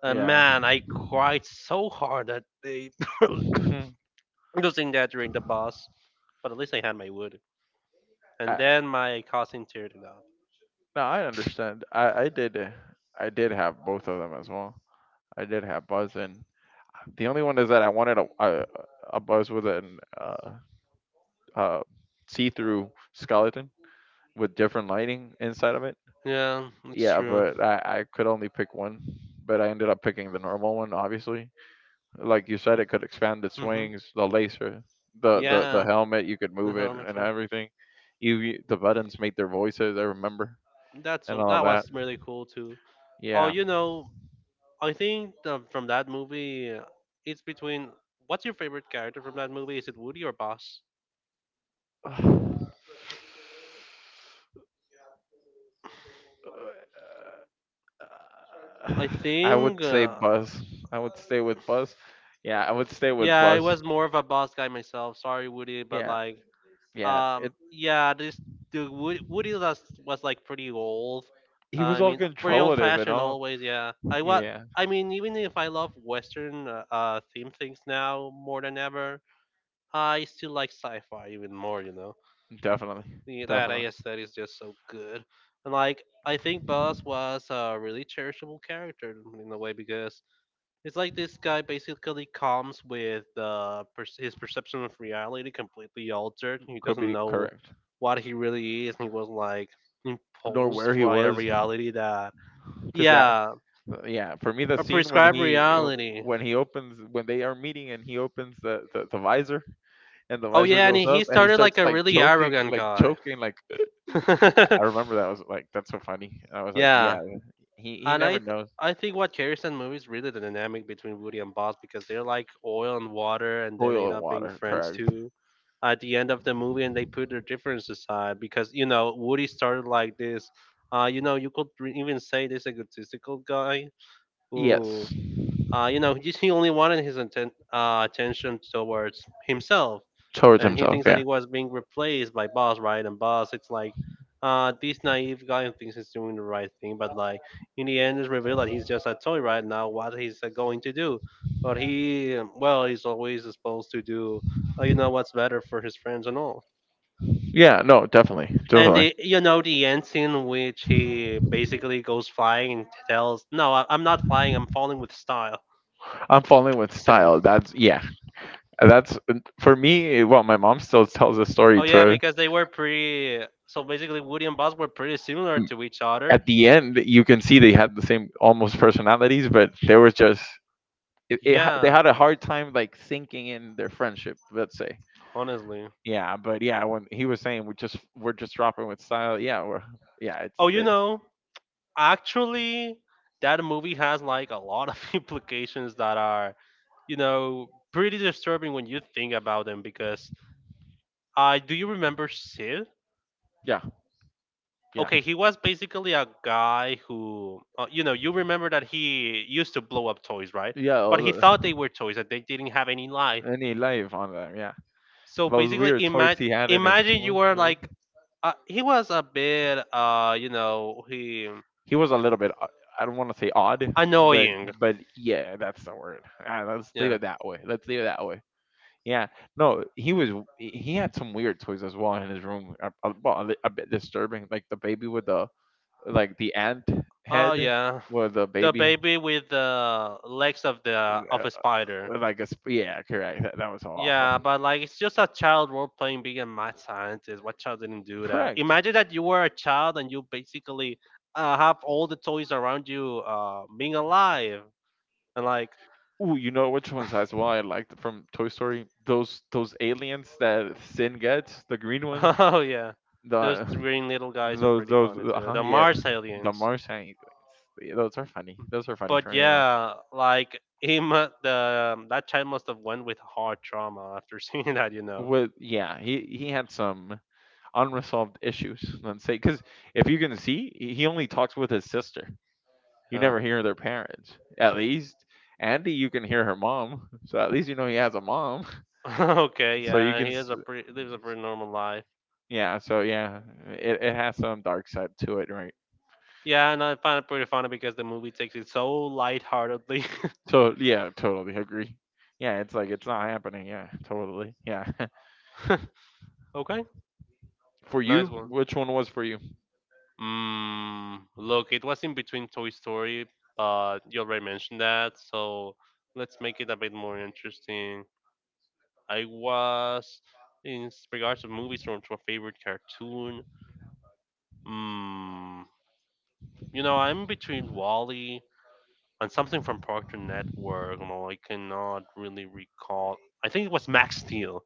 Speaker 1: And
Speaker 2: yeah.
Speaker 1: man, I cried so hard that they losing that during the boss. But at least I had my wood,
Speaker 2: I,
Speaker 1: and then my cousin teared it up.
Speaker 2: no, I understand. I did have both of them as well. I did have Buzz and the only one is that I wanted a Buzz with an uh see-through skeleton with different lighting inside of it.
Speaker 1: Yeah, it's
Speaker 2: Yeah,
Speaker 1: true.
Speaker 2: but I could only pick one. But I ended up picking the normal one, obviously. Like you said, it could expand the
Speaker 1: Hmm.
Speaker 2: swings, the laser, the
Speaker 1: Yeah,
Speaker 2: helmet. You could
Speaker 1: the
Speaker 2: move it
Speaker 1: helmet
Speaker 2: and
Speaker 1: too.
Speaker 2: everything. The buttons made their voices. I remember
Speaker 1: That's
Speaker 2: and
Speaker 1: so
Speaker 2: all
Speaker 1: that
Speaker 2: that.
Speaker 1: was really cool too. Oh,
Speaker 2: Yeah.
Speaker 1: you know, I think the, from that movie, it's between what's your favorite character from that movie? Is it Woody or Boss? I
Speaker 2: I
Speaker 1: think.
Speaker 2: would say bus. I would stay with bus. Yeah, I would stay with
Speaker 1: Yeah, I
Speaker 2: bus.
Speaker 1: was more of a Boss guy myself. Sorry, Woody, but
Speaker 2: Yeah,
Speaker 1: like,
Speaker 2: yeah. It,
Speaker 1: yeah, Woody was like pretty old.
Speaker 2: he was
Speaker 1: I
Speaker 2: all
Speaker 1: mean, pretty old
Speaker 2: controllative and
Speaker 1: fashioned
Speaker 2: all.
Speaker 1: always. Yeah, I was.
Speaker 2: Yeah.
Speaker 1: I mean, even if I love Western theme things now more than ever, I still like sci-fi even more. You know.
Speaker 2: Definitely.
Speaker 1: The, that I
Speaker 2: Definitely.
Speaker 1: guess that is just so good. And like I think Boss was a really cherishable character in a way because it's like this guy basically comes with his perception of reality completely altered. He
Speaker 2: Could
Speaker 1: doesn't
Speaker 2: be
Speaker 1: know
Speaker 2: correct.
Speaker 1: what he really is. And he was like
Speaker 2: Nor
Speaker 1: imposed
Speaker 2: where he
Speaker 1: by a
Speaker 2: was,
Speaker 1: reality that
Speaker 2: because that,
Speaker 1: yeah,
Speaker 2: yeah, for me the
Speaker 1: a
Speaker 2: scene when
Speaker 1: prescribed
Speaker 2: he,
Speaker 1: reality.
Speaker 2: when he opens, when they are meeting and he opens the visor and the
Speaker 1: Oh
Speaker 2: visor
Speaker 1: yeah, and
Speaker 2: goes
Speaker 1: he
Speaker 2: up and he
Speaker 1: started
Speaker 2: starts
Speaker 1: like a
Speaker 2: like
Speaker 1: really
Speaker 2: choking,
Speaker 1: arrogant
Speaker 2: like
Speaker 1: guy.
Speaker 2: choking like. I remember that. I was like, that's so funny. I was like, yeah,
Speaker 1: Yeah,
Speaker 2: he
Speaker 1: and
Speaker 2: never knows.
Speaker 1: I think what carries that movie is really the dynamic between Woody and Buzz because they're like oil and water, and then
Speaker 2: Oil
Speaker 1: end
Speaker 2: and
Speaker 1: up being
Speaker 2: water,
Speaker 1: friends
Speaker 2: correct.
Speaker 1: too. At the end of the movie, and they put their differences aside because you know Woody started like this. You know, you could even say this egotistical guy who
Speaker 2: Yes,
Speaker 1: you know, he only wanted his attention towards himself,
Speaker 2: towards
Speaker 1: and he
Speaker 2: himself.
Speaker 1: thinks that
Speaker 2: Yeah.
Speaker 1: he was being replaced by Boss, right? And Boss, it's like, this naive guy who thinks he's doing the right thing, but like in the end, it's revealed that he's just a toy right now. What he's going to do? But he, well, he's always supposed to do, what's better for his friends and all.
Speaker 2: Yeah. No. Definitely.
Speaker 1: And
Speaker 2: Definitely.
Speaker 1: the, you know the end scene in which he basically goes flying and tells, "No, I'm not flying. I'm falling with style."
Speaker 2: I'm falling with
Speaker 1: Cinema.
Speaker 2: style. That's, yeah. That's for me. Well, my mom still tells the
Speaker 1: Oh
Speaker 2: story to
Speaker 1: yeah,
Speaker 2: her.
Speaker 1: because they were pretty. So basically, Woody and Buzz were pretty similar to each other.
Speaker 2: At the end, you can see they had the same almost personalities, but they were just, they
Speaker 1: Yeah,
Speaker 2: had a hard time like sinking in their friendship. Let's say.
Speaker 1: honestly.
Speaker 2: Yeah, but yeah, when he was saying, we're just, dropping with style. Yeah, we're, yeah. It's
Speaker 1: Oh,
Speaker 2: it,
Speaker 1: actually, that movie has like a lot of implications that are, pretty disturbing when you think about them. Because, do you remember Sid?
Speaker 2: yeah, yeah.
Speaker 1: Okay, he was basically a guy who, you remember that he used to blow up toys, right?
Speaker 2: Yeah, all
Speaker 1: But he thought they were toys, that they didn't have any life.
Speaker 2: any life on them. Yeah,
Speaker 1: So
Speaker 2: those
Speaker 1: basically,
Speaker 2: weird toys
Speaker 1: imagine
Speaker 2: he had in his
Speaker 1: imagine
Speaker 2: toy
Speaker 1: you were
Speaker 2: room.
Speaker 1: like he was a bit he
Speaker 2: He was a little bit, I don't want to say odd, but
Speaker 1: annoying.
Speaker 2: yeah, that's the word. Ah, let's leave
Speaker 1: Yeah.
Speaker 2: it that way. Let's leave it that way. Yeah, no, he was. He had some weird toys as well in his room. Well, a bit disturbing, like the baby with the, like the ant
Speaker 1: Oh
Speaker 2: head,
Speaker 1: yeah.
Speaker 2: with the
Speaker 1: The
Speaker 2: baby.
Speaker 1: baby with the legs of a spider.
Speaker 2: Like a yeah, correct. That was awful.
Speaker 1: Yeah, but like it's just a child role playing being a mad scientist. What child didn't do that?
Speaker 2: Correct.
Speaker 1: Imagine that you were a child and you basically have all the toys around you being alive and like.
Speaker 2: Ooh, you know which ones as well I liked from Toy Story? Those aliens that Sin gets, the green one,
Speaker 1: Oh yeah, those
Speaker 2: the,
Speaker 1: green little guys are
Speaker 2: those
Speaker 1: pretty
Speaker 2: those
Speaker 1: funny
Speaker 2: uh
Speaker 1: too.
Speaker 2: huh,
Speaker 1: The
Speaker 2: yeah,
Speaker 1: Mars
Speaker 2: the
Speaker 1: aliens.
Speaker 2: Martian. Yeah, those are funny. Those are funny for
Speaker 1: But
Speaker 2: me as well.
Speaker 1: yeah, like he mu- the that child must have went with hard trauma after seeing that.
Speaker 2: With, yeah, he had some unresolved issues. Let's say, because if you can see, he only talks with his sister. You
Speaker 1: Uh,
Speaker 2: never hear their parents. At least Andy, you can hear her mom, so at least you know he has a mom.
Speaker 1: okay,
Speaker 2: So you
Speaker 1: yeah, and
Speaker 2: can,
Speaker 1: he has a pretty lives a pretty normal life.
Speaker 2: yeah. So yeah, it has some dark side to it, right?
Speaker 1: Yeah, and I find it pretty funny because the movie takes it so lightheartedly.
Speaker 2: So yeah, totally agree. Yeah, it's like it's not happening. Yeah, totally. Yeah.
Speaker 1: Okay,
Speaker 2: For you,
Speaker 1: nice one.
Speaker 2: which one was for you?
Speaker 1: Look, it was in between Toy Story, but you already mentioned that, so let's make it a bit more interesting. I was, in regards to movies from my favorite cartoon, mm, I'm between Wally and something from Cartoon Network. No, I cannot really recall. I think it was Max Steel.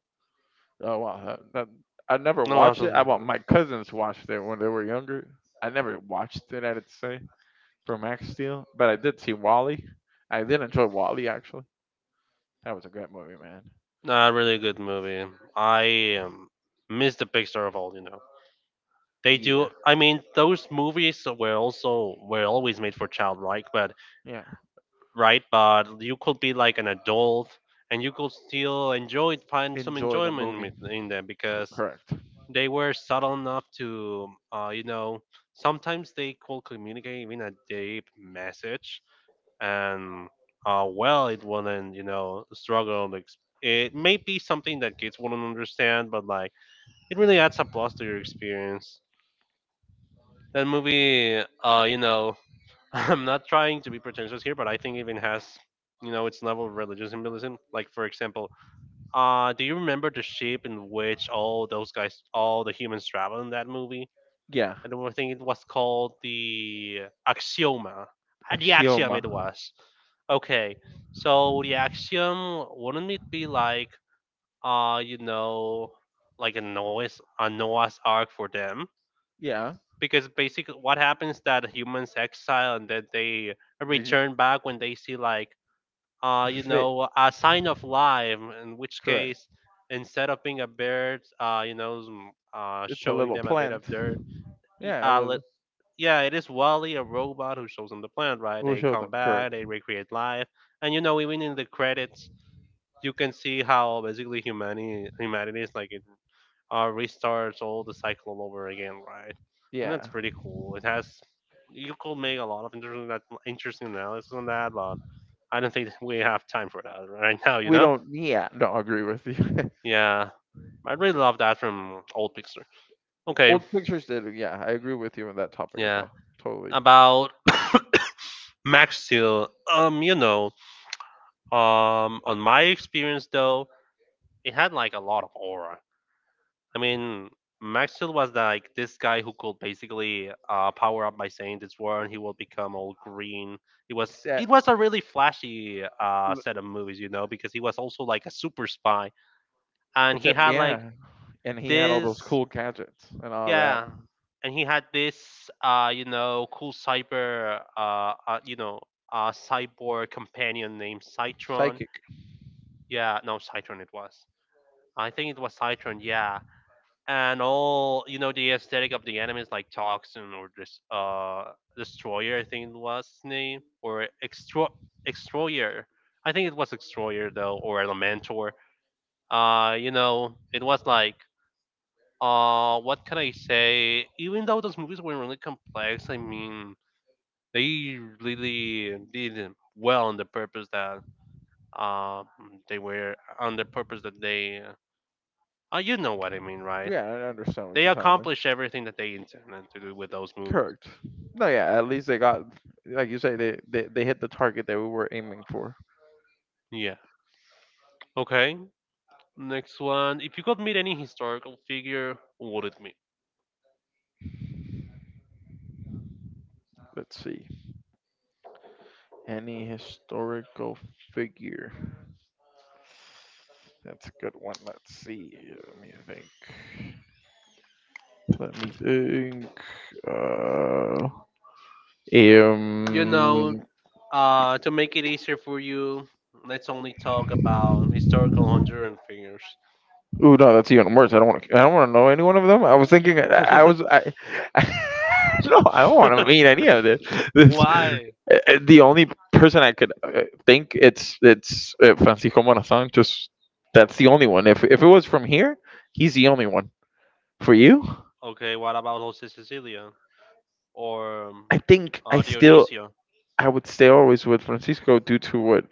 Speaker 2: Oh wow, I never
Speaker 1: No, no,
Speaker 2: watched it. I Well, my cousins watched it when they were younger. I never watched it, I'd say, for Max Steel, but I did see Wally. I did enjoy Wally, actually. That was a great movie, man.
Speaker 1: not really a really good movie. I miss the Pixar of all. They do. I mean, those movies were always made for childlike, but
Speaker 2: Yeah.
Speaker 1: right. But you could be like an adult, and you could still enjoy find some
Speaker 2: Enjoy the
Speaker 1: enjoyment
Speaker 2: movie.
Speaker 1: in them because
Speaker 2: Correct.
Speaker 1: they were subtle enough to, sometimes they could communicate even a deep message, and well, it wouldn't, struggle. It may be something that kids wouldn't understand, but like it really adds a plus to your experience. That movie, I'm not trying to be pretentious here, but I think even has, its level of religious symbolism. Like for example, do you remember the ship in which all the humans travel in that movie?
Speaker 2: Yeah.
Speaker 1: And I think it was called the Axioma. The Axiom
Speaker 2: Axioma.
Speaker 1: it was. Okay, so the Axiom wouldn't it be like, uh, you know, like a Noah's Ark for them?
Speaker 2: Yeah.
Speaker 1: Because basically what happens that humans exile and then they
Speaker 2: Did you
Speaker 1: return back when they see like
Speaker 2: fit?
Speaker 1: a sign of life, in which
Speaker 2: Correct.
Speaker 1: case instead of being a bird
Speaker 2: It's a
Speaker 1: showing
Speaker 2: little
Speaker 1: them a bit
Speaker 2: plant.
Speaker 1: of dirt. y-
Speaker 2: Yeah, it
Speaker 1: uh let,
Speaker 2: was.
Speaker 1: yeah, it is Wally, a robot who shows them the plant, right?
Speaker 2: We
Speaker 1: They
Speaker 2: showed
Speaker 1: come
Speaker 2: them. Correct.
Speaker 1: back, they recreate life. And you know, even in the credits you can see how basically humanity is like it restarts all the cycle all over again, right? And
Speaker 2: Yeah.
Speaker 1: that's pretty cool. It has You could make a lot of interesting analysis on that, but I don't think we have time for that right now. You
Speaker 2: We
Speaker 1: know?
Speaker 2: don't. Yeah. No, I agree with you.
Speaker 1: Yeah, I really love that from old Pixar. Okay.
Speaker 2: Old pictures did. Yeah, I agree with you on that topic as
Speaker 1: Yeah,
Speaker 2: well. Totally.
Speaker 1: about Max Steel. On my experience though, it had like a lot of aura. I mean, Maxfield was like this guy who could basically power up by saying this word, and he will become all green. It was
Speaker 2: It's that.
Speaker 1: it was a really flashy set of movies, because he was also like a super spy, and
Speaker 2: Except, yeah, and he had all those
Speaker 1: this,
Speaker 2: cool gadgets and all that.
Speaker 1: yeah, he had this, cool cyber, cyborg companion named Citron.
Speaker 2: Psychic.
Speaker 1: Yeah, no, Citron it was. I think it was Citron. Yeah, and all, you know, the aesthetic of the anime is like Toxin, or this Destroyer, I think it was his name, or Extroyer. I think it was Extroyer though, or Elementor. It was like, what can I say? Even though those movies were really complex, I mean they really did well on the purpose that, um they were on the purpose that they Oh, you know what I mean, right?
Speaker 2: Yeah, I
Speaker 1: Yeah,
Speaker 2: understand what
Speaker 1: they
Speaker 2: you're talking, me.
Speaker 1: accomplish everything that they intended to do with those movies.
Speaker 2: Correct. No, yeah, at least they got, like you say, they hit the target that we were aiming for.
Speaker 1: Yeah. Okay. Next one. If you could meet any historical figure, who would it be?
Speaker 2: Let's see. Any historical figure. That's a good one. Let's see. Let me think. Let me think. Uh, um,
Speaker 1: You know, to make it easier for you, let's only talk about historical Honduran figures.
Speaker 2: Ooh, no, that's even worse. I don't want to. I don't want to know any one of them. I was thinking. I was. I. I, no, I don't want to meet any of this. This uh,
Speaker 1: Why?
Speaker 2: uh, the only person I could think, it's Francisco Morazan. Just that's the only one. If it was from here, he's the only one. For you,
Speaker 1: Okay. What about Jose Cecilia or
Speaker 2: I think,
Speaker 1: Dionisio,
Speaker 2: I would stay always with Francisco due to what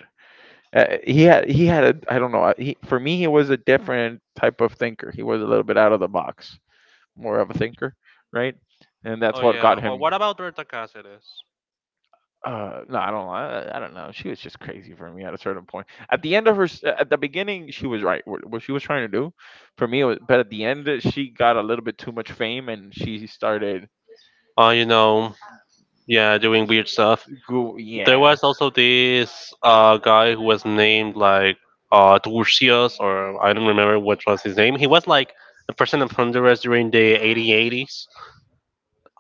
Speaker 2: he had. He had a, I don't know. He for me he was a different type of thinker. He was a little bit out of the box, more of a thinker, right? And that's
Speaker 1: oh
Speaker 2: what
Speaker 1: yeah,
Speaker 2: got
Speaker 1: like, or
Speaker 2: him.
Speaker 1: what about Berta Cáceres?
Speaker 2: No, I don't. I don't know. She was just crazy for me at a certain point. At the end of her, at the beginning, she was right. What she was trying to do, for me, it was, but at the end, she got a little bit too much fame, and she started.
Speaker 1: Uh, you know, yeah, doing weird stuff.
Speaker 2: Go,
Speaker 1: There
Speaker 2: yeah,
Speaker 1: was also this guy who was named like Turcios, or I don't remember what was his name. He was like the president of Honduras during the 1880s.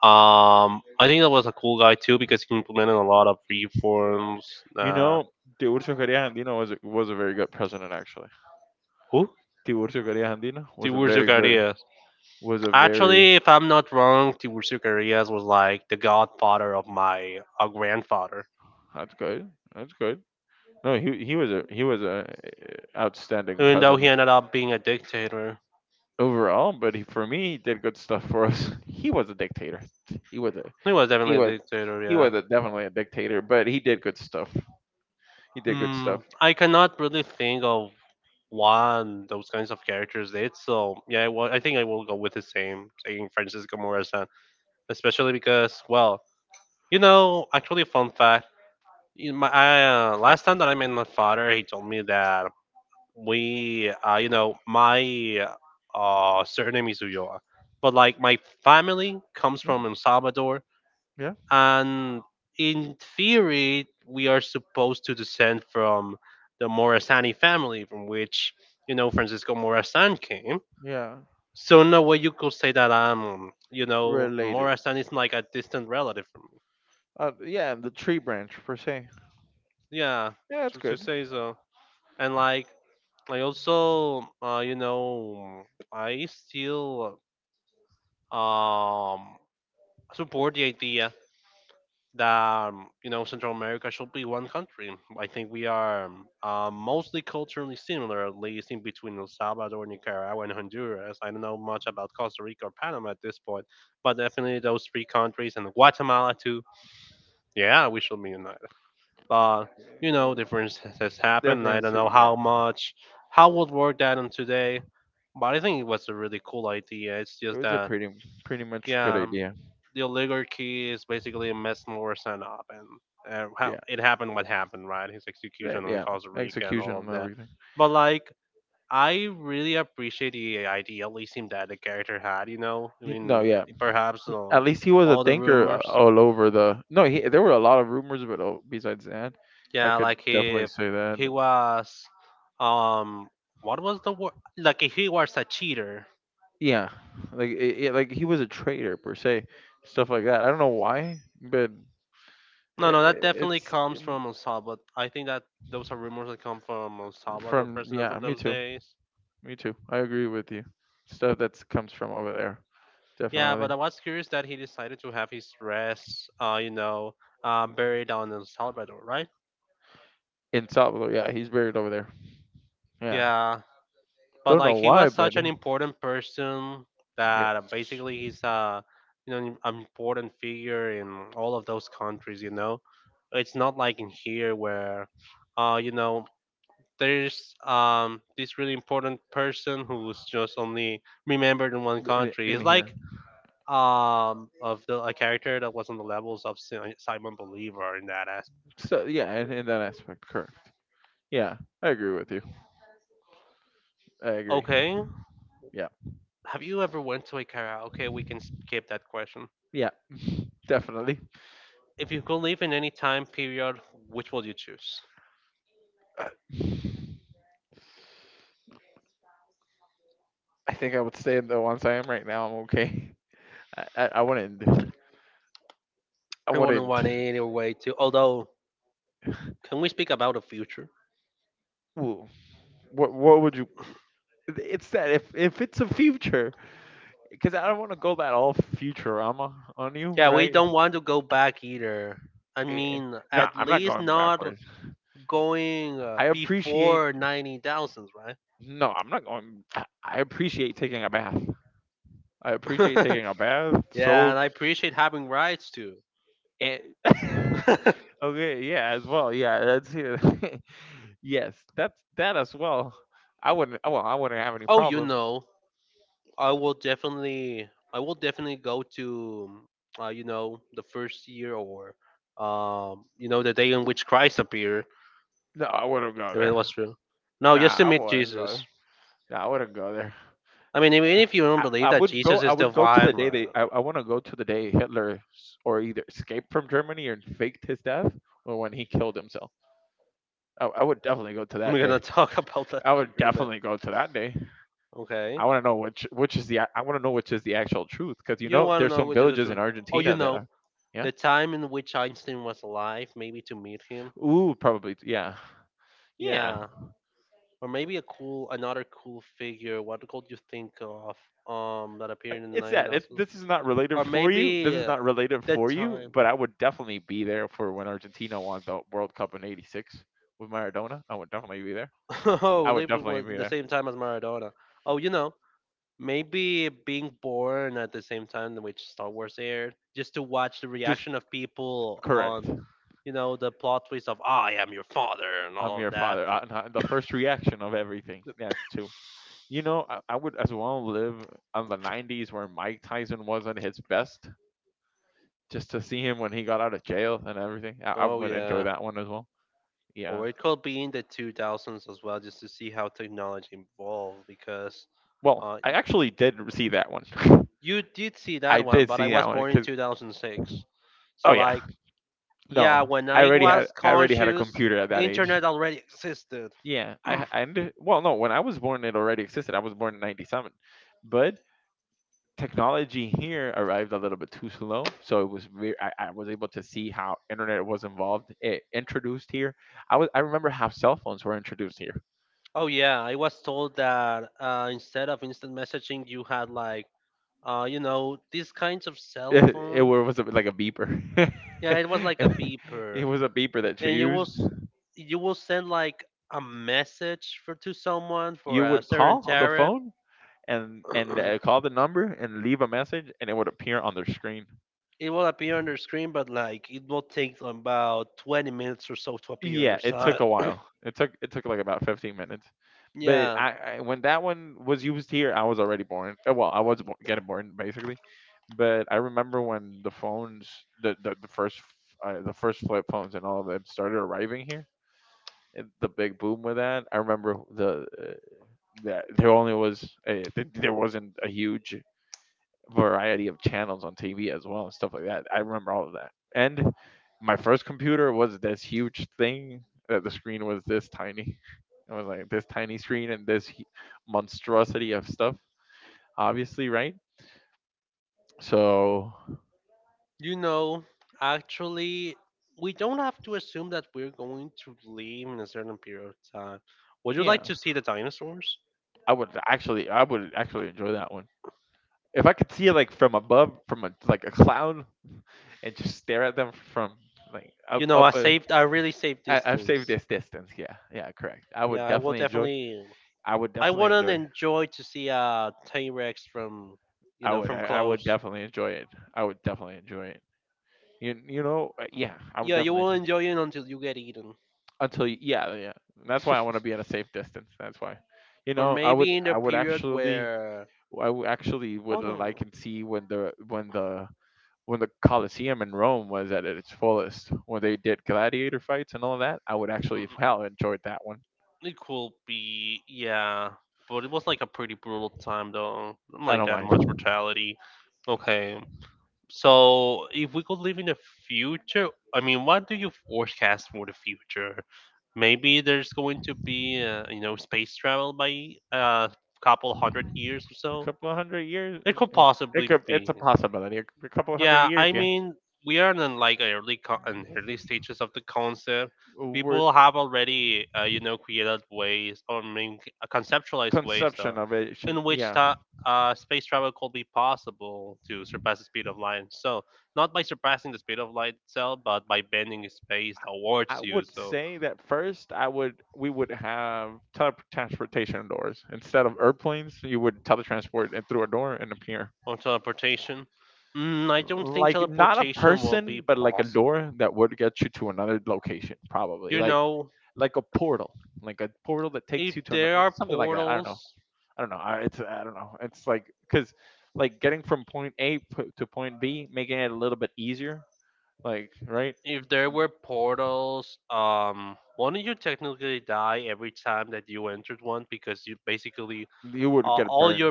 Speaker 1: I think that was a cool guy too because he implemented a lot of reforms.
Speaker 2: you know, Tiburcio García Andino was a very good president, actually.
Speaker 1: Who?
Speaker 2: Tiburcio García Andino was a
Speaker 1: Tiburcio
Speaker 2: very good,
Speaker 1: Carías.
Speaker 2: was a very.
Speaker 1: Actually, if I'm not wrong, Tiburcio Carías was like the godfather of my grandfather,
Speaker 2: That's good. That's good. No, he was a outstanding
Speaker 1: even though he
Speaker 2: president.
Speaker 1: ended up being a dictator.
Speaker 2: Overall, but he, for me, he did good stuff for us. He was a dictator. He was a
Speaker 1: He was definitely
Speaker 2: he was
Speaker 1: a dictator,
Speaker 2: he
Speaker 1: yeah.
Speaker 2: was a, definitely a dictator, but he did good stuff. He did good stuff.
Speaker 1: I cannot really think of one those kinds of characters did. So yeah, I think I will go with the same, saying Francisco Morazan, especially because well, actually, fun fact. Last time that I met my father, he told me that my surname is Ulloa, but like my family comes
Speaker 2: Yeah,
Speaker 1: from El Salvador,
Speaker 2: yeah,
Speaker 1: and in theory, we are supposed to descend from the Morasani family, from which, Francisco Morazan came.
Speaker 2: yeah.
Speaker 1: So, in a way, you could say that,
Speaker 2: Related.
Speaker 1: Morazan is like a distant relative from me.
Speaker 2: Yeah, the tree branch per se.
Speaker 1: Yeah,
Speaker 2: Yeah, that's
Speaker 1: to
Speaker 2: good.
Speaker 1: say so. And, like, I also, I still um, support the idea that Central America should be one country. I think we are mostly culturally similar, at least in between El Salvador, Nicaragua, and Honduras. I don't know much about Costa Rica or Panama at this point, but definitely those three countries and Guatemala too. Yeah, we should be united. But, you know, differences happen. I
Speaker 2: Difference.
Speaker 1: don't know
Speaker 2: Yeah,
Speaker 1: how much, how would work that on today. But I think it was a really cool idea. It's
Speaker 2: it
Speaker 1: just
Speaker 2: was a
Speaker 1: that
Speaker 2: pretty much good
Speaker 1: yeah,
Speaker 2: idea.
Speaker 1: the oligarchy is basically messed Morrison up, and how
Speaker 2: Yeah,
Speaker 1: it happened what happened, right? His
Speaker 2: yeah,
Speaker 1: execution in
Speaker 2: yeah.
Speaker 1: Costa Rica and
Speaker 2: Execution
Speaker 1: all
Speaker 2: and
Speaker 1: of that.
Speaker 2: everything.
Speaker 1: But like, I really appreciate the idealism that the character had. You know, I
Speaker 2: No,
Speaker 1: mean,
Speaker 2: yeah.
Speaker 1: perhaps
Speaker 2: At least he was a
Speaker 1: all the
Speaker 2: thinker,
Speaker 1: rumors.
Speaker 2: all over the. No, there were a lot of rumors, but oh, besides that, I
Speaker 1: Yeah,
Speaker 2: could
Speaker 1: like
Speaker 2: definitely
Speaker 1: if
Speaker 2: say that.
Speaker 1: he was, um, what was the word? Like if he was a cheater.
Speaker 2: Yeah, like like he was a traitor per se, stuff like that. I don't know why, but
Speaker 1: No, no, that definitely
Speaker 2: it's,
Speaker 1: comes from El Salvador. I think that those are rumors that come from El Salvador
Speaker 2: from,
Speaker 1: president
Speaker 2: yeah,
Speaker 1: from
Speaker 2: me
Speaker 1: those
Speaker 2: too,
Speaker 1: days.
Speaker 2: me too. I agree with you. Stuff that comes from over there,
Speaker 1: Yeah,
Speaker 2: definitely.
Speaker 1: but I was curious that he decided to have his rest, buried down in El Salvador, right?
Speaker 2: In Salvador, yeah, he's buried over there. Yeah.
Speaker 1: Yeah, but
Speaker 2: Don't
Speaker 1: like
Speaker 2: know
Speaker 1: he
Speaker 2: why,
Speaker 1: was
Speaker 2: but
Speaker 1: such an
Speaker 2: yeah.
Speaker 1: important person
Speaker 2: Yeah,
Speaker 1: that basically he's an important figure in all of those countries. It's not like in here where, uh, you know, there's this really important person who's just only remembered in one country.
Speaker 2: in
Speaker 1: It's
Speaker 2: here.
Speaker 1: like of the a character that was on the levels of Simon Believer in that aspect.
Speaker 2: So yeah, in that aspect, correct. Yeah, I agree with you. I agree.
Speaker 1: Okay,
Speaker 2: Yeah.
Speaker 1: have you ever went to a karaoke? We can skip that question.
Speaker 2: Yeah. Definitely.
Speaker 1: If you could live in any time period, which would you choose?
Speaker 2: I think I would stay in the ones I am right now. I'm okay. I wouldn't. I
Speaker 1: I wouldn't
Speaker 2: wouldn't.
Speaker 1: want any way to. Although, can we speak about the future?
Speaker 2: Ooh, what would you? It's that, if it's a future, because I don't want to go that all Futurama on you,
Speaker 1: Yeah, we
Speaker 2: right?
Speaker 1: don't want to go back either. I
Speaker 2: Eh,
Speaker 1: mean,
Speaker 2: No,
Speaker 1: at
Speaker 2: I'm not
Speaker 1: least
Speaker 2: going
Speaker 1: not
Speaker 2: backwards.
Speaker 1: going
Speaker 2: I appreciate.
Speaker 1: before 90 thousands, right?
Speaker 2: No, I'm not going. I appreciate taking a bath. I appreciate taking a bath,
Speaker 1: Yeah,
Speaker 2: soap,
Speaker 1: and I appreciate having rights too.
Speaker 2: and okay, yeah, as well. Yeah, that's here. Yes, that's that as well. I wouldn't. Well, I wouldn't have any
Speaker 1: Oh,
Speaker 2: problem.
Speaker 1: I will definitely go to, the first year or, the day in which Christ appeared.
Speaker 2: No, I wouldn't go
Speaker 1: If it
Speaker 2: there.
Speaker 1: was real. No, just
Speaker 2: Nah,
Speaker 1: to
Speaker 2: I
Speaker 1: meet
Speaker 2: wouldn't go.
Speaker 1: Jesus.
Speaker 2: There. Nah, I wouldn't go there.
Speaker 1: I mean, even if you don't
Speaker 2: I,
Speaker 1: believe
Speaker 2: I
Speaker 1: that
Speaker 2: would go.
Speaker 1: Jesus
Speaker 2: I
Speaker 1: is
Speaker 2: would go to the
Speaker 1: divine,
Speaker 2: day they.
Speaker 1: man,
Speaker 2: I want to go to the day Hitler or either escaped from Germany and faked his death, or when he killed himself. I would definitely go to that
Speaker 1: we're gonna
Speaker 2: day.
Speaker 1: talk about that
Speaker 2: I would
Speaker 1: in a bit.
Speaker 2: definitely go to that day.
Speaker 1: Okay.
Speaker 2: I want to know, which is the. I want to know which is the actual truth, because you
Speaker 1: You
Speaker 2: know
Speaker 1: want to
Speaker 2: there's
Speaker 1: know
Speaker 2: some
Speaker 1: which is the
Speaker 2: villages in
Speaker 1: truth. Oh,
Speaker 2: Argentina that are. Yeah.
Speaker 1: the time in which Einstein was alive, maybe to meet him.
Speaker 2: Ooh, probably. Yeah. Yeah.
Speaker 1: Yeah, or maybe another cool figure. What could you think of? That appeared in the
Speaker 2: It's that.
Speaker 1: 9000s,
Speaker 2: This is not related
Speaker 1: or
Speaker 2: for you. This
Speaker 1: maybe
Speaker 2: is not related
Speaker 1: that
Speaker 2: for you.
Speaker 1: time.
Speaker 2: But I would definitely be there for when Argentina won the World Cup in '86 with Maradona. I would definitely be there. I
Speaker 1: Oh,
Speaker 2: would
Speaker 1: living
Speaker 2: definitely
Speaker 1: was
Speaker 2: be
Speaker 1: the
Speaker 2: there.
Speaker 1: same time as Maradona. Oh, you know, maybe being born at the same time in which Star Wars aired, just to watch the
Speaker 2: Just
Speaker 1: reaction of people
Speaker 2: correct.
Speaker 1: on the plot twist of I am your father and
Speaker 2: I'm
Speaker 1: all of
Speaker 2: your
Speaker 1: that.
Speaker 2: father. And the first reaction of everything. That's two. I would as well live on the '90s where Mike Tyson was at his best, just to see him when he got out of jail and everything. I
Speaker 1: Oh,
Speaker 2: would enjoy
Speaker 1: yeah.
Speaker 2: that one as well. Yeah.
Speaker 1: Or it could be in the 2000s as well, just to see how technology evolved. Because
Speaker 2: Well,
Speaker 1: uh,
Speaker 2: I actually did see that one.
Speaker 1: you did see
Speaker 2: I
Speaker 1: that one,
Speaker 2: did
Speaker 1: but I
Speaker 2: see that
Speaker 1: was
Speaker 2: one
Speaker 1: born in
Speaker 2: because
Speaker 1: 2006,
Speaker 2: oh
Speaker 1: so
Speaker 2: yeah,
Speaker 1: like
Speaker 2: no,
Speaker 1: yeah, when
Speaker 2: I
Speaker 1: I
Speaker 2: already had
Speaker 1: was
Speaker 2: I already had a
Speaker 1: conscious,
Speaker 2: computer at that age.
Speaker 1: internet already existed.
Speaker 2: Yeah, I h- and well, no, when I was born, it already existed. I was born in '97, but technology here arrived a little bit too slow, so it was re- I was able to see how internet was involved, it introduced here. I remember how cell phones were introduced here.
Speaker 1: Oh yeah, I was told that instead of instant messaging, you had like you know these kinds of cell
Speaker 2: It
Speaker 1: phones.
Speaker 2: was like a beeper.
Speaker 1: Yeah, it was like a
Speaker 2: It
Speaker 1: beeper,
Speaker 2: was a beeper that you
Speaker 1: and
Speaker 2: used.
Speaker 1: you will send like a message for to someone for
Speaker 2: You
Speaker 1: a
Speaker 2: would
Speaker 1: certain
Speaker 2: call on the
Speaker 1: tariff.
Speaker 2: phone and call the number and leave a message, and it would appear on their screen.
Speaker 1: It will appear on their screen, but like it will take about 20 minutes or so to appear on
Speaker 2: Yeah,
Speaker 1: their
Speaker 2: it took
Speaker 1: side.
Speaker 2: a while. It took like about 15 minutes. But
Speaker 1: Yeah,
Speaker 2: I when that one was used here, I was already born. Getting born basically. But I remember when the phones, the first, f- the first flip phones and all of them started arriving here. The big boom with that. I remember the uh, that there only there wasn't a huge variety of channels on TV as well and stuff like that. I remember all of that. And my first computer was this huge thing that the screen was this tiny. It was like this tiny screen and monstrosity of stuff, obviously, right? So,
Speaker 1: you know, actually, we don't have to assume that we're going to leave in a certain period of time. Would you
Speaker 2: yeah,
Speaker 1: like to see the dinosaurs?
Speaker 2: I would actually enjoy that one. If I could see it like from above, from like a cloud, and just stare at them from like up
Speaker 1: You know,
Speaker 2: up
Speaker 1: I
Speaker 2: a.
Speaker 1: saved, I really saved
Speaker 2: I've saved
Speaker 1: distance.
Speaker 2: this distance. Yeah, yeah, correct. I
Speaker 1: Yeah,
Speaker 2: would
Speaker 1: I will
Speaker 2: definitely enjoy.
Speaker 1: definitely
Speaker 2: I would
Speaker 1: I
Speaker 2: definitely
Speaker 1: wouldn't
Speaker 2: enjoy.
Speaker 1: enjoy to see a T Rex from, you
Speaker 2: I
Speaker 1: know,
Speaker 2: would.
Speaker 1: from
Speaker 2: I would
Speaker 1: close.
Speaker 2: definitely enjoy it. I would definitely enjoy it. Yeah, I would
Speaker 1: Yeah, you
Speaker 2: definitely
Speaker 1: will
Speaker 2: enjoy.
Speaker 1: enjoy it until you get eaten,
Speaker 2: Until you. Yeah, yeah. That's why I want to be at a safe distance. That's why. You
Speaker 1: or
Speaker 2: know,
Speaker 1: maybe in the period where.
Speaker 2: I would actually
Speaker 1: Oh
Speaker 2: would like
Speaker 1: no.
Speaker 2: and see when the Colosseum in Rome was at its fullest, when they did gladiator fights and all that, I would actually
Speaker 1: Mm-mm.
Speaker 2: wow enjoyed that one.
Speaker 1: It could be, yeah, but it was like a pretty brutal time though. Not
Speaker 2: I
Speaker 1: like
Speaker 2: don't
Speaker 1: that
Speaker 2: mind. A
Speaker 1: much brutality. Okay. So, if we could live in the future, I mean, what do you forecast for the future? Maybe there's going to be, you know, space travel by a couple hundred years or so.
Speaker 2: couple of hundred years,
Speaker 1: It could
Speaker 2: yeah.
Speaker 1: possibly
Speaker 2: It's
Speaker 1: be.
Speaker 2: a possibility. A couple of hundred
Speaker 1: Yeah,
Speaker 2: years,
Speaker 1: I
Speaker 2: yeah.
Speaker 1: mean, we are in like an early stages of the concept.
Speaker 2: We're
Speaker 1: People have already, you know, created ways or I mean, conceptualized ways
Speaker 2: Conception of it, shouldn't-
Speaker 1: in which
Speaker 2: yeah.
Speaker 1: space travel could be possible to surpass the speed of light. So not by surpassing the speed of light itself, but by bending space
Speaker 2: I
Speaker 1: towards you.
Speaker 2: would
Speaker 1: So
Speaker 2: say that first I would we would have teletransportation doors instead of airplanes. You would teletransport and through a door and appear.
Speaker 1: or teleportation. Mm, I don't think
Speaker 2: Like not a
Speaker 1: teleportation will be
Speaker 2: person, but like a door
Speaker 1: possible.
Speaker 2: that would get you to another location, probably
Speaker 1: You know,
Speaker 2: like a portal, like a portal that takes you
Speaker 1: if
Speaker 2: to another,
Speaker 1: there are
Speaker 2: something like that. I don't know.
Speaker 1: portals,
Speaker 2: I don't know. I don't know. It's like because like getting from point A to point B, making it a little bit easier. Like right?
Speaker 1: if there were portals, wouldn't you technically die every time that you entered one because you basically
Speaker 2: You would get
Speaker 1: all
Speaker 2: burned.
Speaker 1: your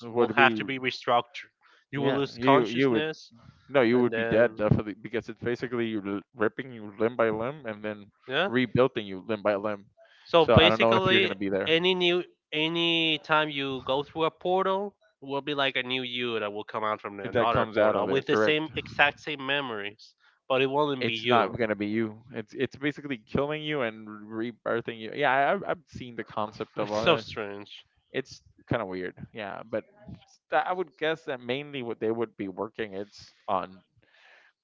Speaker 2: It
Speaker 1: will
Speaker 2: would
Speaker 1: have
Speaker 2: be
Speaker 1: to be restructured. You will
Speaker 2: yeah.
Speaker 1: lose
Speaker 2: You would
Speaker 1: consciousness,
Speaker 2: no. You
Speaker 1: and
Speaker 2: would be dead
Speaker 1: then
Speaker 2: definitely because it's basically ripping you limb by limb and then
Speaker 1: yeah.
Speaker 2: rebuilding you limb by limb.
Speaker 1: So
Speaker 2: So I don't know if you're
Speaker 1: basically,
Speaker 2: gonna be there.
Speaker 1: any new any time you go through a portal will be like a new you that will come out from
Speaker 2: If that
Speaker 1: another
Speaker 2: comes out of
Speaker 1: portal
Speaker 2: there,
Speaker 1: with the same
Speaker 2: correct?
Speaker 1: exact same memories, but it won't be
Speaker 2: It's not
Speaker 1: you.
Speaker 2: gonna be you. It's basically killing you and rebirthing you. Yeah, I've seen the concept of
Speaker 1: It's
Speaker 2: all
Speaker 1: so
Speaker 2: that.
Speaker 1: strange.
Speaker 2: It's kind of weird. Yeah, but I would guess that mainly what they would be working it's on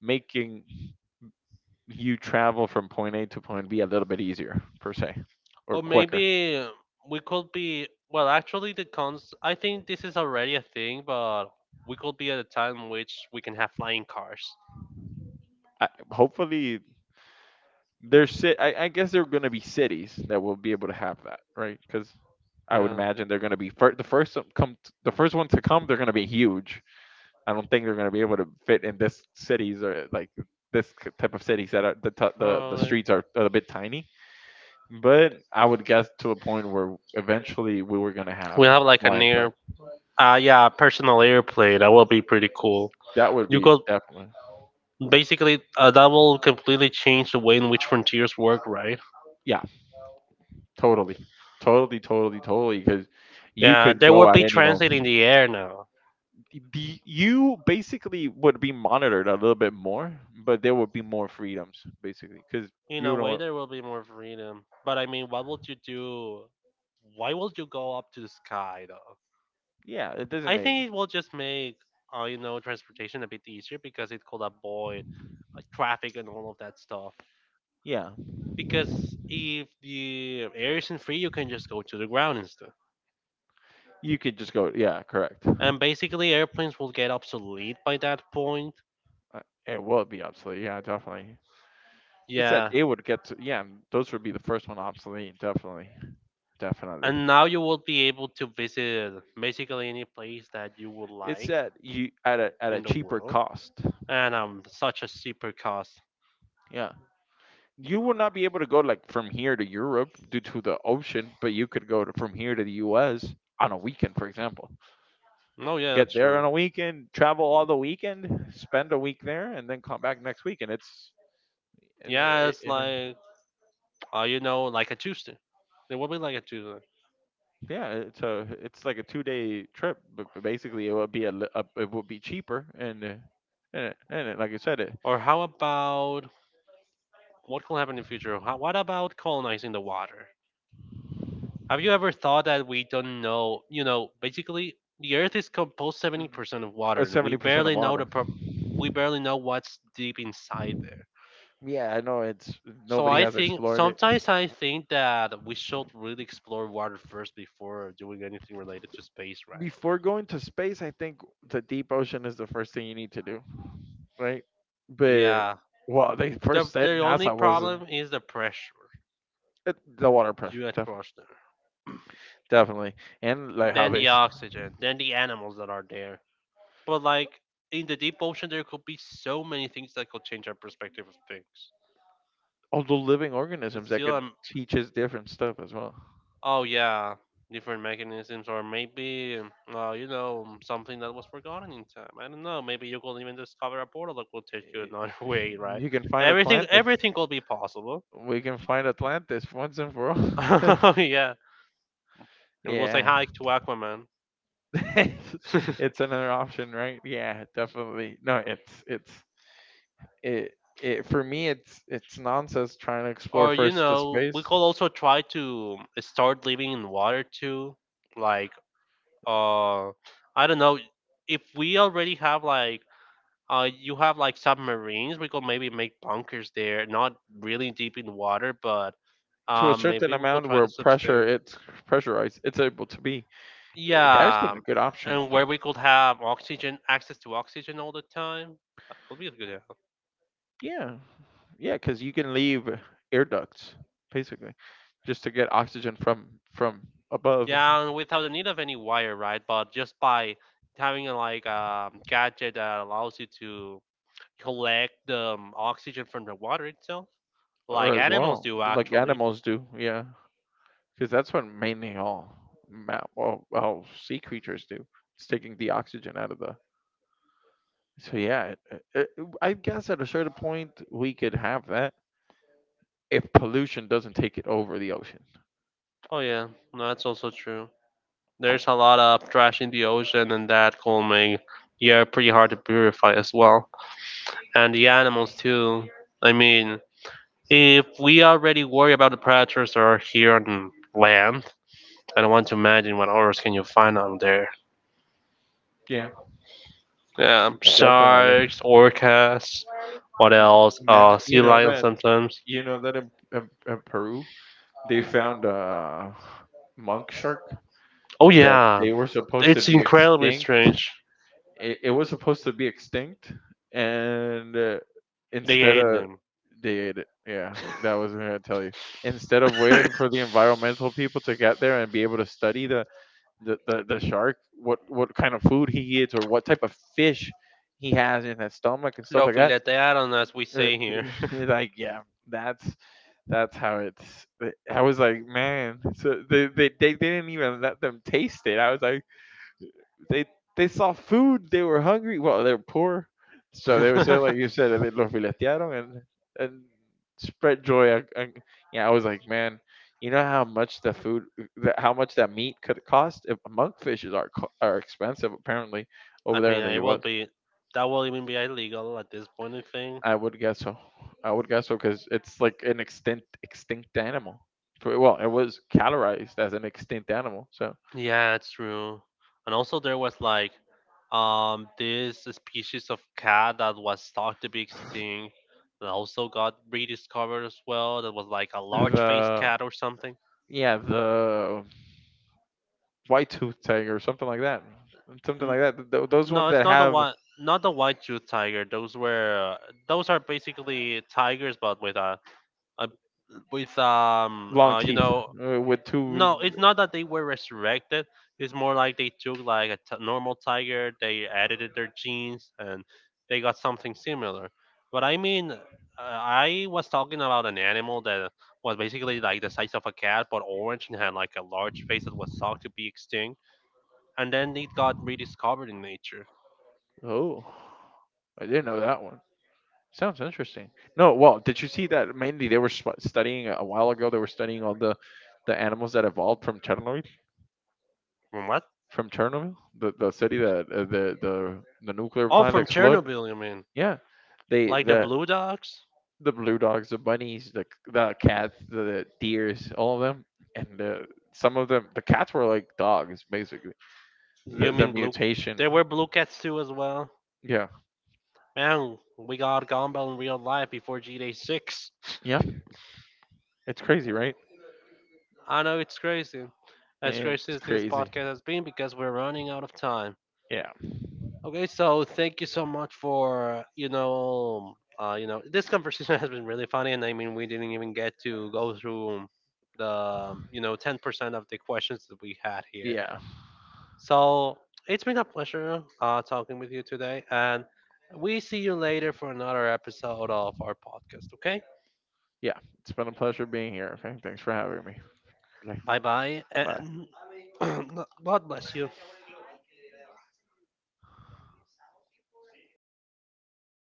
Speaker 2: making you travel from point A to point B a little bit easier per se or
Speaker 1: Or
Speaker 2: quicker.
Speaker 1: maybe we could be. Well, actually, the cons. I think this is already a thing, but we could be at a time in which we can have flying cars.
Speaker 2: I, hopefully, I guess there are going to be cities that will be able to have that, right? Because I would
Speaker 1: Yeah.
Speaker 2: imagine they're going to be the first ones to come. They're going to be huge. I don't think they're going to be able to fit in this cities or like type of cities that are the t- the
Speaker 1: Probably.
Speaker 2: streets are a bit tiny. But I would guess to a point where eventually we were going to have
Speaker 1: We have like an
Speaker 2: flying
Speaker 1: air.
Speaker 2: cars.
Speaker 1: Yeah, personal airplane. That will be pretty cool.
Speaker 2: That would
Speaker 1: You
Speaker 2: be
Speaker 1: could
Speaker 2: definitely.
Speaker 1: basically that will completely change the way in which frontiers work, right?
Speaker 2: Yeah, totally. Totally, totally, totally. Because you
Speaker 1: Yeah,
Speaker 2: could
Speaker 1: they will
Speaker 2: go at
Speaker 1: be
Speaker 2: any
Speaker 1: translating
Speaker 2: moment.
Speaker 1: the air now.
Speaker 2: You basically would be monitored a little bit more, but there would be more freedoms, basically. Because
Speaker 1: In
Speaker 2: you
Speaker 1: a way,
Speaker 2: don't.
Speaker 1: there will be more freedom. But I mean, what would you do? Why would you go up to the sky though?
Speaker 2: Yeah, it doesn't
Speaker 1: I
Speaker 2: make.
Speaker 1: think it will just make you know transportation a bit easier because it could avoid traffic and all of that stuff.
Speaker 2: Yeah,
Speaker 1: Because if the air isn't free, you can just go to the ground instead.
Speaker 2: you could just go. Yeah, correct.
Speaker 1: And basically, airplanes will get obsolete by that point.
Speaker 2: It will be obsolete. Yeah, definitely. It's that
Speaker 1: Yeah.
Speaker 2: they would get to. Yeah, those would be the first one obsolete. Definitely, definitely.
Speaker 1: And now you will be able to visit basically any place that you would
Speaker 2: It's
Speaker 1: like
Speaker 2: that you at a
Speaker 1: in the
Speaker 2: cheaper
Speaker 1: world.
Speaker 2: cost.
Speaker 1: And such a super cost.
Speaker 2: Yeah. You will not be able to go like from here to Europe due to the ocean, but you could go to, from here to the U.S. on a weekend, for example.
Speaker 1: Oh yeah,
Speaker 2: Get
Speaker 1: that's
Speaker 2: there
Speaker 1: true.
Speaker 2: on a weekend, travel all the weekend, spend a week there, and then come back next week. And it's
Speaker 1: Yeah,
Speaker 2: it,
Speaker 1: it's
Speaker 2: it, it-
Speaker 1: like you know, like a Tuesday. It will be like a Tuesday.
Speaker 2: yeah, it's a it's like a 2 day trip, but basically it would be a it would be cheaper and like I said, it
Speaker 1: Or how about what could happen in the future? How, what about colonizing the water? Have you ever thought that we don't know? You know, basically, the Earth is composed 70% of water, and we
Speaker 2: 70% of
Speaker 1: barely know
Speaker 2: water.
Speaker 1: we barely know what's deep inside there.
Speaker 2: Yeah, I know it's
Speaker 1: So
Speaker 2: nobody
Speaker 1: I
Speaker 2: has
Speaker 1: think
Speaker 2: explored it.
Speaker 1: sometimes I think that we should really explore water first before doing anything related to space, right?
Speaker 2: Before going to space, I think the deep ocean is the first thing you need to do, right? But
Speaker 1: Yeah.
Speaker 2: well, they
Speaker 1: The
Speaker 2: first said
Speaker 1: the only
Speaker 2: NASA wasn't
Speaker 1: problem is the pressure
Speaker 2: the water pressure,
Speaker 1: you had
Speaker 2: definitely,
Speaker 1: crossed there.
Speaker 2: definitely, and like how
Speaker 1: Then the
Speaker 2: they
Speaker 1: oxygen, then the animals that are there. But like in the deep ocean there could be so many things that could change our perspective of things.
Speaker 2: all the living
Speaker 1: It's
Speaker 2: organisms that
Speaker 1: still
Speaker 2: could teach us different stuff as well.
Speaker 1: Oh yeah, different mechanisms, or maybe you know something that was forgotten in time. I don't know. Maybe you could even discover a portal that could take you another
Speaker 2: Y-
Speaker 1: way, right?
Speaker 2: You can find
Speaker 1: Everything,
Speaker 2: Atlantis.
Speaker 1: everything could be possible.
Speaker 2: We can find Atlantis once and for all.
Speaker 1: Yeah, and we'll say
Speaker 2: yeah,
Speaker 1: hi to Aquaman.
Speaker 2: it's it's another option, right? Yeah, definitely. No, it it for me it's nonsense trying to explore
Speaker 1: Or you
Speaker 2: first the
Speaker 1: know, we
Speaker 2: space
Speaker 1: could also try to start living in water too. Like, uh, I don't know if we already have like you have like submarines. We could maybe make bunkers there, not really deep in the water, but
Speaker 2: to a
Speaker 1: maybe
Speaker 2: certain
Speaker 1: we could
Speaker 2: amount
Speaker 1: try
Speaker 2: where
Speaker 1: to
Speaker 2: pressure
Speaker 1: substitute.
Speaker 2: it's pressurized it's able to be. Eh, there's
Speaker 1: Yeah,
Speaker 2: been a good option
Speaker 1: and where we could have oxygen, access to oxygen all the time. That could be a good idea.
Speaker 2: yeah yeah because you can leave air ducts basically just to get oxygen from above
Speaker 1: Yeah, and without the need of any wire, right? But just by having a like gadget that allows you to collect the oxygen from the water itself, like
Speaker 2: or as
Speaker 1: animals
Speaker 2: well
Speaker 1: do
Speaker 2: like
Speaker 1: actually.
Speaker 2: animals do yeah because that's what mainly all well, well sea creatures do it's taking the oxygen out of the. So yeah, I guess at a certain point we could have that if pollution doesn't take it over the ocean.
Speaker 1: Oh yeah, no, that's also true.
Speaker 2: Oh,
Speaker 1: There's a lot of trash in the ocean, and that could make the air pretty hard to purify as well. And the animals, too. I mean, if we already worry about the predators that are here on land, I don't want to imagine what others can you find out there.
Speaker 2: yeah,
Speaker 1: Yeah,
Speaker 2: definitely.
Speaker 1: sharks, orcas, what
Speaker 2: M-
Speaker 1: else?
Speaker 2: Imagine
Speaker 1: Sea lions sometimes.
Speaker 2: you know that in Peru they found a monk shark
Speaker 1: Oh,
Speaker 2: that
Speaker 1: yeah,
Speaker 2: they were supposed to
Speaker 1: it's
Speaker 2: be
Speaker 1: incredibly
Speaker 2: extinct.
Speaker 1: strange.
Speaker 2: It was supposed to be extinct, and
Speaker 1: They
Speaker 2: instead
Speaker 1: ate
Speaker 2: of
Speaker 1: them.
Speaker 2: they ate it. Yeah, that was what I was gonna tell you. Instead of waiting for the environmental people to get there and be able to study the shark what kind of food he eats or what type of fish he has in his stomach and
Speaker 1: Lo
Speaker 2: stuff like that.
Speaker 1: filetearon, as we
Speaker 2: Uh,
Speaker 1: say here.
Speaker 2: like yeah that's that's how it's I was like man so they didn't even let them taste it I was like they they saw food, they were hungry. Well, they were poor, so they were saying like you said, they los filetearon and spread joy. Yeah, I was like, man, you know how much the food, the, how much that meat could cost? If monkfishes are are expensive apparently
Speaker 1: I
Speaker 2: over there
Speaker 1: mean,
Speaker 2: in the
Speaker 1: it will
Speaker 2: U.S.
Speaker 1: be that will even be illegal at this point. I think.
Speaker 2: I would guess so. I would guess so because it's like an extinct extinct animal. Well, it was categorized as an extinct animal, so
Speaker 1: Yeah, it's true. And also, there was like this species of cat that was thought to be extinct that also got rediscovered as well. That was like a large-faced
Speaker 2: The
Speaker 1: cat or something.
Speaker 2: yeah, the white tooth tiger or something like that, something
Speaker 1: N-
Speaker 2: like that. Those
Speaker 1: no,
Speaker 2: ones
Speaker 1: it's
Speaker 2: that
Speaker 1: not the
Speaker 2: have
Speaker 1: one. Not the white-toothed tiger. Those were those are basically tigers, but with a I with
Speaker 2: long
Speaker 1: you
Speaker 2: teeth
Speaker 1: know
Speaker 2: with two.
Speaker 1: no it's not that they were resurrected, it's more like they took like normal tiger, they edited their genes and they got something similar, but I mean I was talking about an animal that was basically like the size of a cat but orange and had like a large face that was thought to be extinct, and then it got rediscovered in nature.
Speaker 2: Oh, I didn't know that one. Sounds interesting. No, well, did you see that mainly they were studying a while ago? They were studying all the animals that evolved from Chernobyl.
Speaker 1: From what?
Speaker 2: From Chernobyl, the city that the nuclear
Speaker 1: Oh,
Speaker 2: plant
Speaker 1: from
Speaker 2: exploded.
Speaker 1: Chernobyl you mean,
Speaker 2: Yeah, they
Speaker 1: like the
Speaker 2: the
Speaker 1: blue dogs?
Speaker 2: the blue dogs, the bunnies, the cats, the deers, all of them, and some of them. The cats were like dogs, basically. The
Speaker 1: You
Speaker 2: the
Speaker 1: mean blue,
Speaker 2: mutation.
Speaker 1: there were blue cats too as well.
Speaker 2: Yeah,
Speaker 1: Man, we got Gumball in real life before G Day 6.
Speaker 2: yeah, it's crazy, right?
Speaker 1: I know it's crazy. As crazy
Speaker 2: It's
Speaker 1: as this
Speaker 2: crazy.
Speaker 1: podcast has been because we're running out of time.
Speaker 2: Yeah,
Speaker 1: Okay, so thank you so much for, you know, this conversation has been really funny, and I mean we didn't even get to go through the, you know, 10% of the questions that we had here.
Speaker 2: yeah,
Speaker 1: So, it's been a pleasure talking with you today, and we see you later for another episode of our podcast, okay?
Speaker 2: yeah. It's been a pleasure being here. Okay, thanks for having me. Okay,
Speaker 1: Bye bye,
Speaker 2: bye.
Speaker 1: and God bless you.